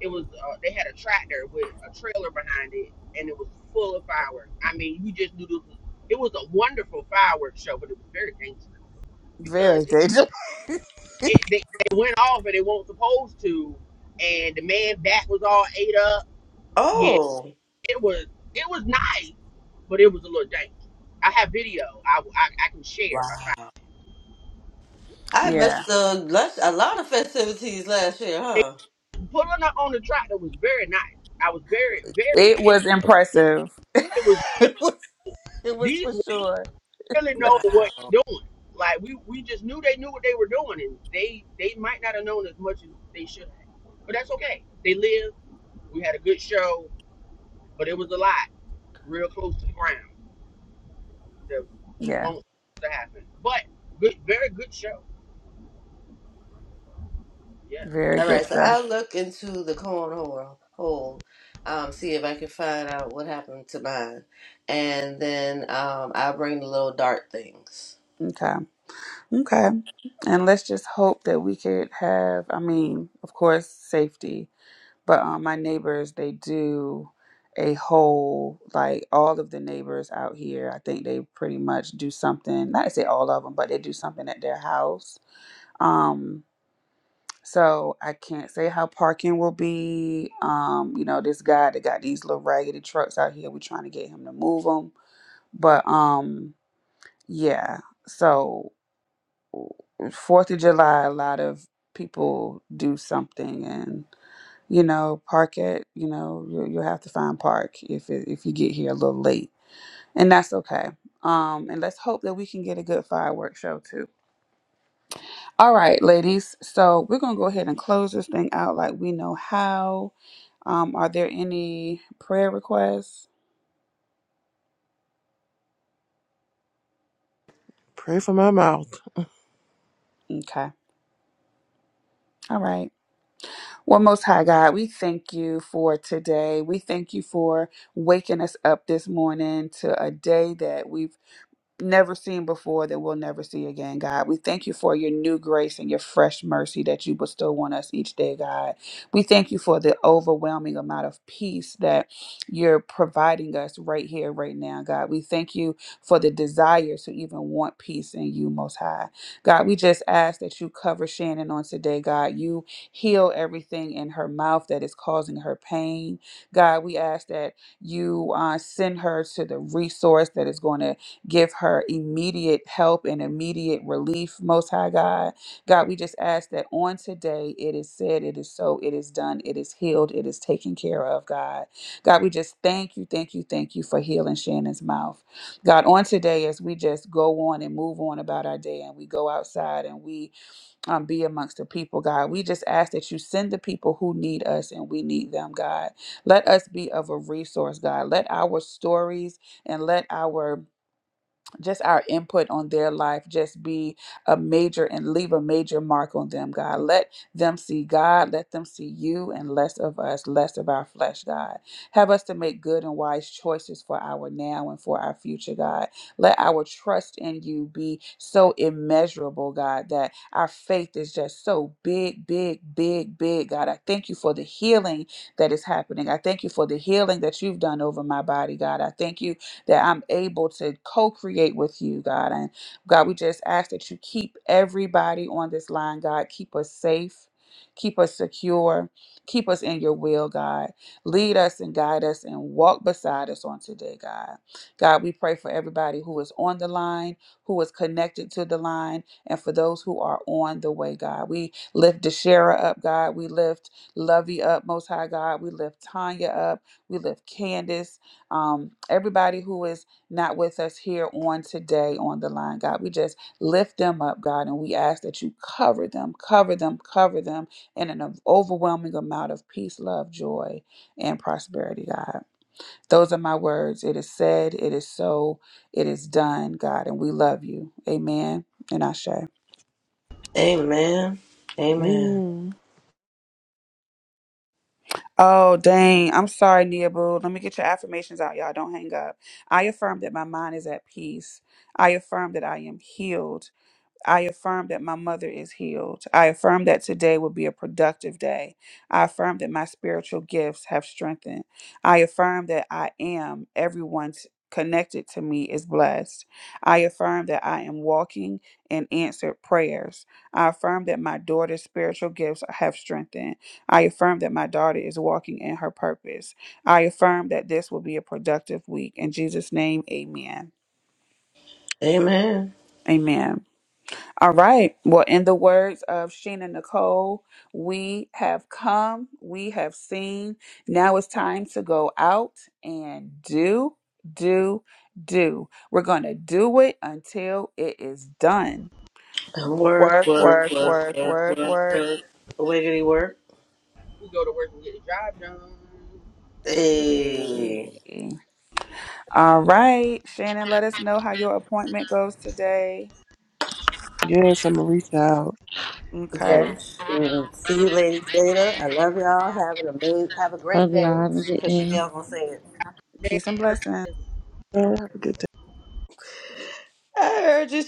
It was uh, they had a tractor with a trailer behind it, and it was full of fireworks. I mean, you just knew this was it was a wonderful fireworks show, but it was very dangerous because
very
it,
dangerous.
it they, they went off and they weren't supposed to, and the man back was all ate up. Yeah,
Oh,
it was it was nice, but it was a little dangerous. I have video. I, I, I can share if I find.
wow! I
Yeah.
missed the, a lot of festivities last year,
it.
huh?
They pulling up on the tractor was very nice. I was very very.
It
And
was impressive.
It was
it, was, it was for
these.
sure.
really know what
Wow.
you're doing. Like we, we just knew they knew what they were doing, and they they might not have known as much as they should have. But that's okay. They lived. We had a good show, but it was a lot real close to the ground that
Yeah.
won't to happen. But good, very good show. Yeah,
Very
All
good
right, so
show.
I'll look into the cornhole hole, um, see if I can find out what happened to mine, and then um, I'll bring the little dart things.
Okay. Okay. And let's just hope that we could have, I mean, of course, safety, but um, my neighbors, they do a whole, like all of the neighbors out here, I think they pretty much do something, not to say all of them, but they do something at their house. Um, So I can't say how parking will be. Um, you know, this guy that got these little raggedy trucks out here, we're trying to get him to move them. But um, yeah. So Fourth of July, a lot of people do something, and you know, park at. You know, you you have to find park if it, if you get here a little late, and that's okay. Um, and let's hope that we can get a good fireworks show too. All right, ladies. So we're gonna go ahead and close this thing out like we know how. Um, are there any prayer requests?
Pray for my mouth.
Okay. All right. Well, Most High God, we thank you for today. We thank you for waking us up this morning to a day that we've never seen before that we'll never see again, God. We thank you for your new grace and your fresh mercy that you bestow on us each day, God. We thank you for the overwhelming amount of peace that you're providing us right here, right now, God. We thank you for the desire to even want peace in you, Most High. God, we just ask that you cover Shannon on today, God. You heal everything in her mouth that is causing her pain. God, we ask that you uh, send her to the resource that is going to Give her immediate help and immediate relief, Most High God. God, we just ask that on today it is said, it is so, it is done, it is healed, it is taken care of, God. God, we just thank you, thank you, thank you for healing Shannon's mouth. God, on today, as we just go on and move on about our day and we go outside and we um, be amongst the people, God, we just ask that you send the people who need us and we need them, God. Let us be of a resource, God. Let our stories and let our just our input on their life just be a major and leave a major mark on them, God. Let them see God, let them see you, and less of us, less of our flesh, God. Have us to make good and wise choices for our now and for our future, God. Let our trust in you be so immeasurable, God, that our faith is just so big, big, big, big, God. I thank you for the healing that is happening. I thank you for the healing that you've done over my body, God. I thank you that I'm able to co create with you, God. And God, we just ask that you keep everybody on this line, God. Keep us safe, keep us secure, keep us in your will, God. Lead us and guide us and walk beside us on today, God. God, we pray for everybody who is on the line, who is connected to the line, and for those who are on the way, God. We lift Deshara up, God. We lift Lovey up, Most High God. We lift Tanya up. We lift Candace um, everybody who is not with us here on today on the line, God. We just lift them up, God, and we ask that you cover them, cover them, cover them in an overwhelming amount of peace, love, joy, and prosperity, God. Those are my words. It is said, it is so, it is done, God, and we love you. Amen. And I say,
Amen. Amen.
Mm.
Oh, dang. I'm sorry, Nia Boo. Let me get your affirmations out, y'all. Don't hang up. I affirm that my mind is at peace. I affirm that I am healed. I affirm that my mother is healed. I affirm that today will be a productive day. I affirm that my spiritual gifts have strengthened. I affirm that I am everyone's connected to me is blessed. I affirm that I am walking in answered prayers. I affirm that my daughter's spiritual gifts have strengthened. I affirm that my daughter is walking in her purpose. I affirm that this will be a productive week. In Jesus' name, amen.
Amen.
Amen. All right. Well, in the words of Sheena Nicole, we have come, we have seen. Now it's time to go out and do, do, do. We're going to do it until it is done.
And work,
Work,
work,
work,
work,
work,
work,
work,
work,
work.
work. Wiggity work.
we go to work and get the job done.
Hey.
Hey. All right. Shannon, let us know how your appointment goes today.
Yes, I'm gonna reach out.
Okay.
Yes. Mm, See you ladies later. I love y'all. Have an amazing, have a
Love
great
y'all.
day.
Have a good
Cause
day.
Chanel gonna say it.
Peace
They
and blessings.
Yeah, have a good day.
I heard you